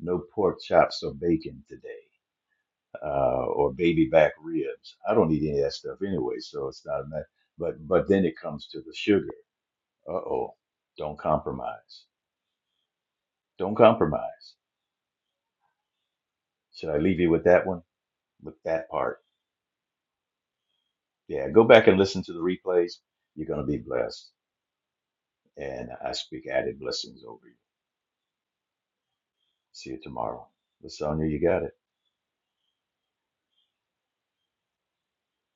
[SPEAKER 6] no pork chops or bacon today. uh, or baby back ribs. I don't eat any of that stuff anyway, so it's not a matter. But but then it comes to the sugar. Uh oh, don't compromise. Don't compromise. Should I leave you with that one? With that part? Yeah. Go back and listen to the replays. You're gonna be blessed, and I speak added blessings over you. See you tomorrow. Lasonia, you got it.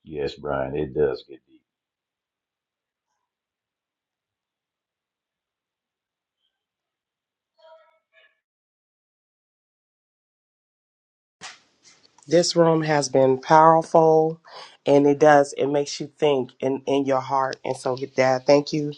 [SPEAKER 6] Yes, Brian, it does get deep.
[SPEAKER 5] This room has been powerful and it does, it makes you think in, in your heart. And so, with that, thank you,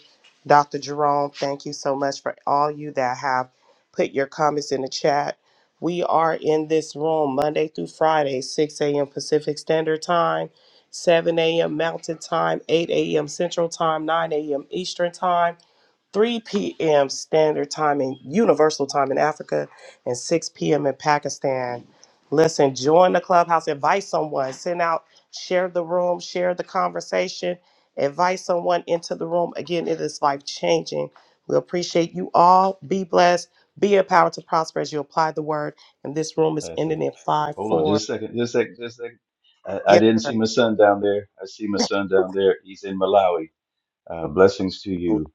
[SPEAKER 5] Dr. Jerome. Thank you so much for all you that have put your comments in the chat. We are in this room Monday through Friday, 6 a.m. Pacific Standard Time, 7 a.m. Mountain Time, 8 a.m. Central Time, 9 a.m. Eastern Time. 3 p.m. Standard Time and Universal Time in Africa, and 6 p.m. in Pakistan. Listen, join the clubhouse, invite someone, send out, share the room, share the conversation, invite someone into the room. Again, it is life changing. We appreciate you all. Be blessed, be empowered to prosper as you apply the word. And this room is
[SPEAKER 6] That's
[SPEAKER 5] ending
[SPEAKER 6] it.
[SPEAKER 5] in 5
[SPEAKER 6] Hold on,
[SPEAKER 5] 4.
[SPEAKER 6] just a second, just a second, just a second. I, I
[SPEAKER 5] Yes,
[SPEAKER 6] didn't see
[SPEAKER 5] sir.
[SPEAKER 6] my son down there. I see my son down there. He's in Malawi. Uh, blessings to you.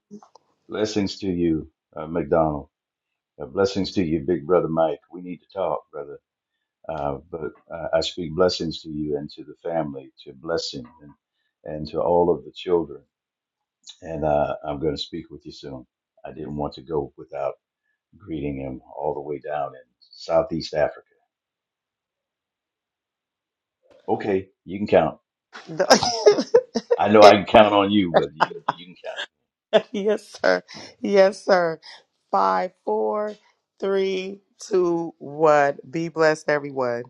[SPEAKER 6] Blessings to you, uh, McDonald. Uh, blessings to you, big brother Mike. We need to talk, brother. Uh, but uh, I speak blessings to you and to the family, to blessing and, and to all of the children. And uh, I'm going to speak with you soon. I didn't want to go without greeting him all the way down in Southeast Africa. Okay, you can count.
[SPEAKER 5] The-
[SPEAKER 6] I know
[SPEAKER 5] *laughs*
[SPEAKER 6] I can count on you, but you you can count.
[SPEAKER 5] *laughs* yes, sir. Yes, sir. Five, four, three, two, one. Be blessed, everyone.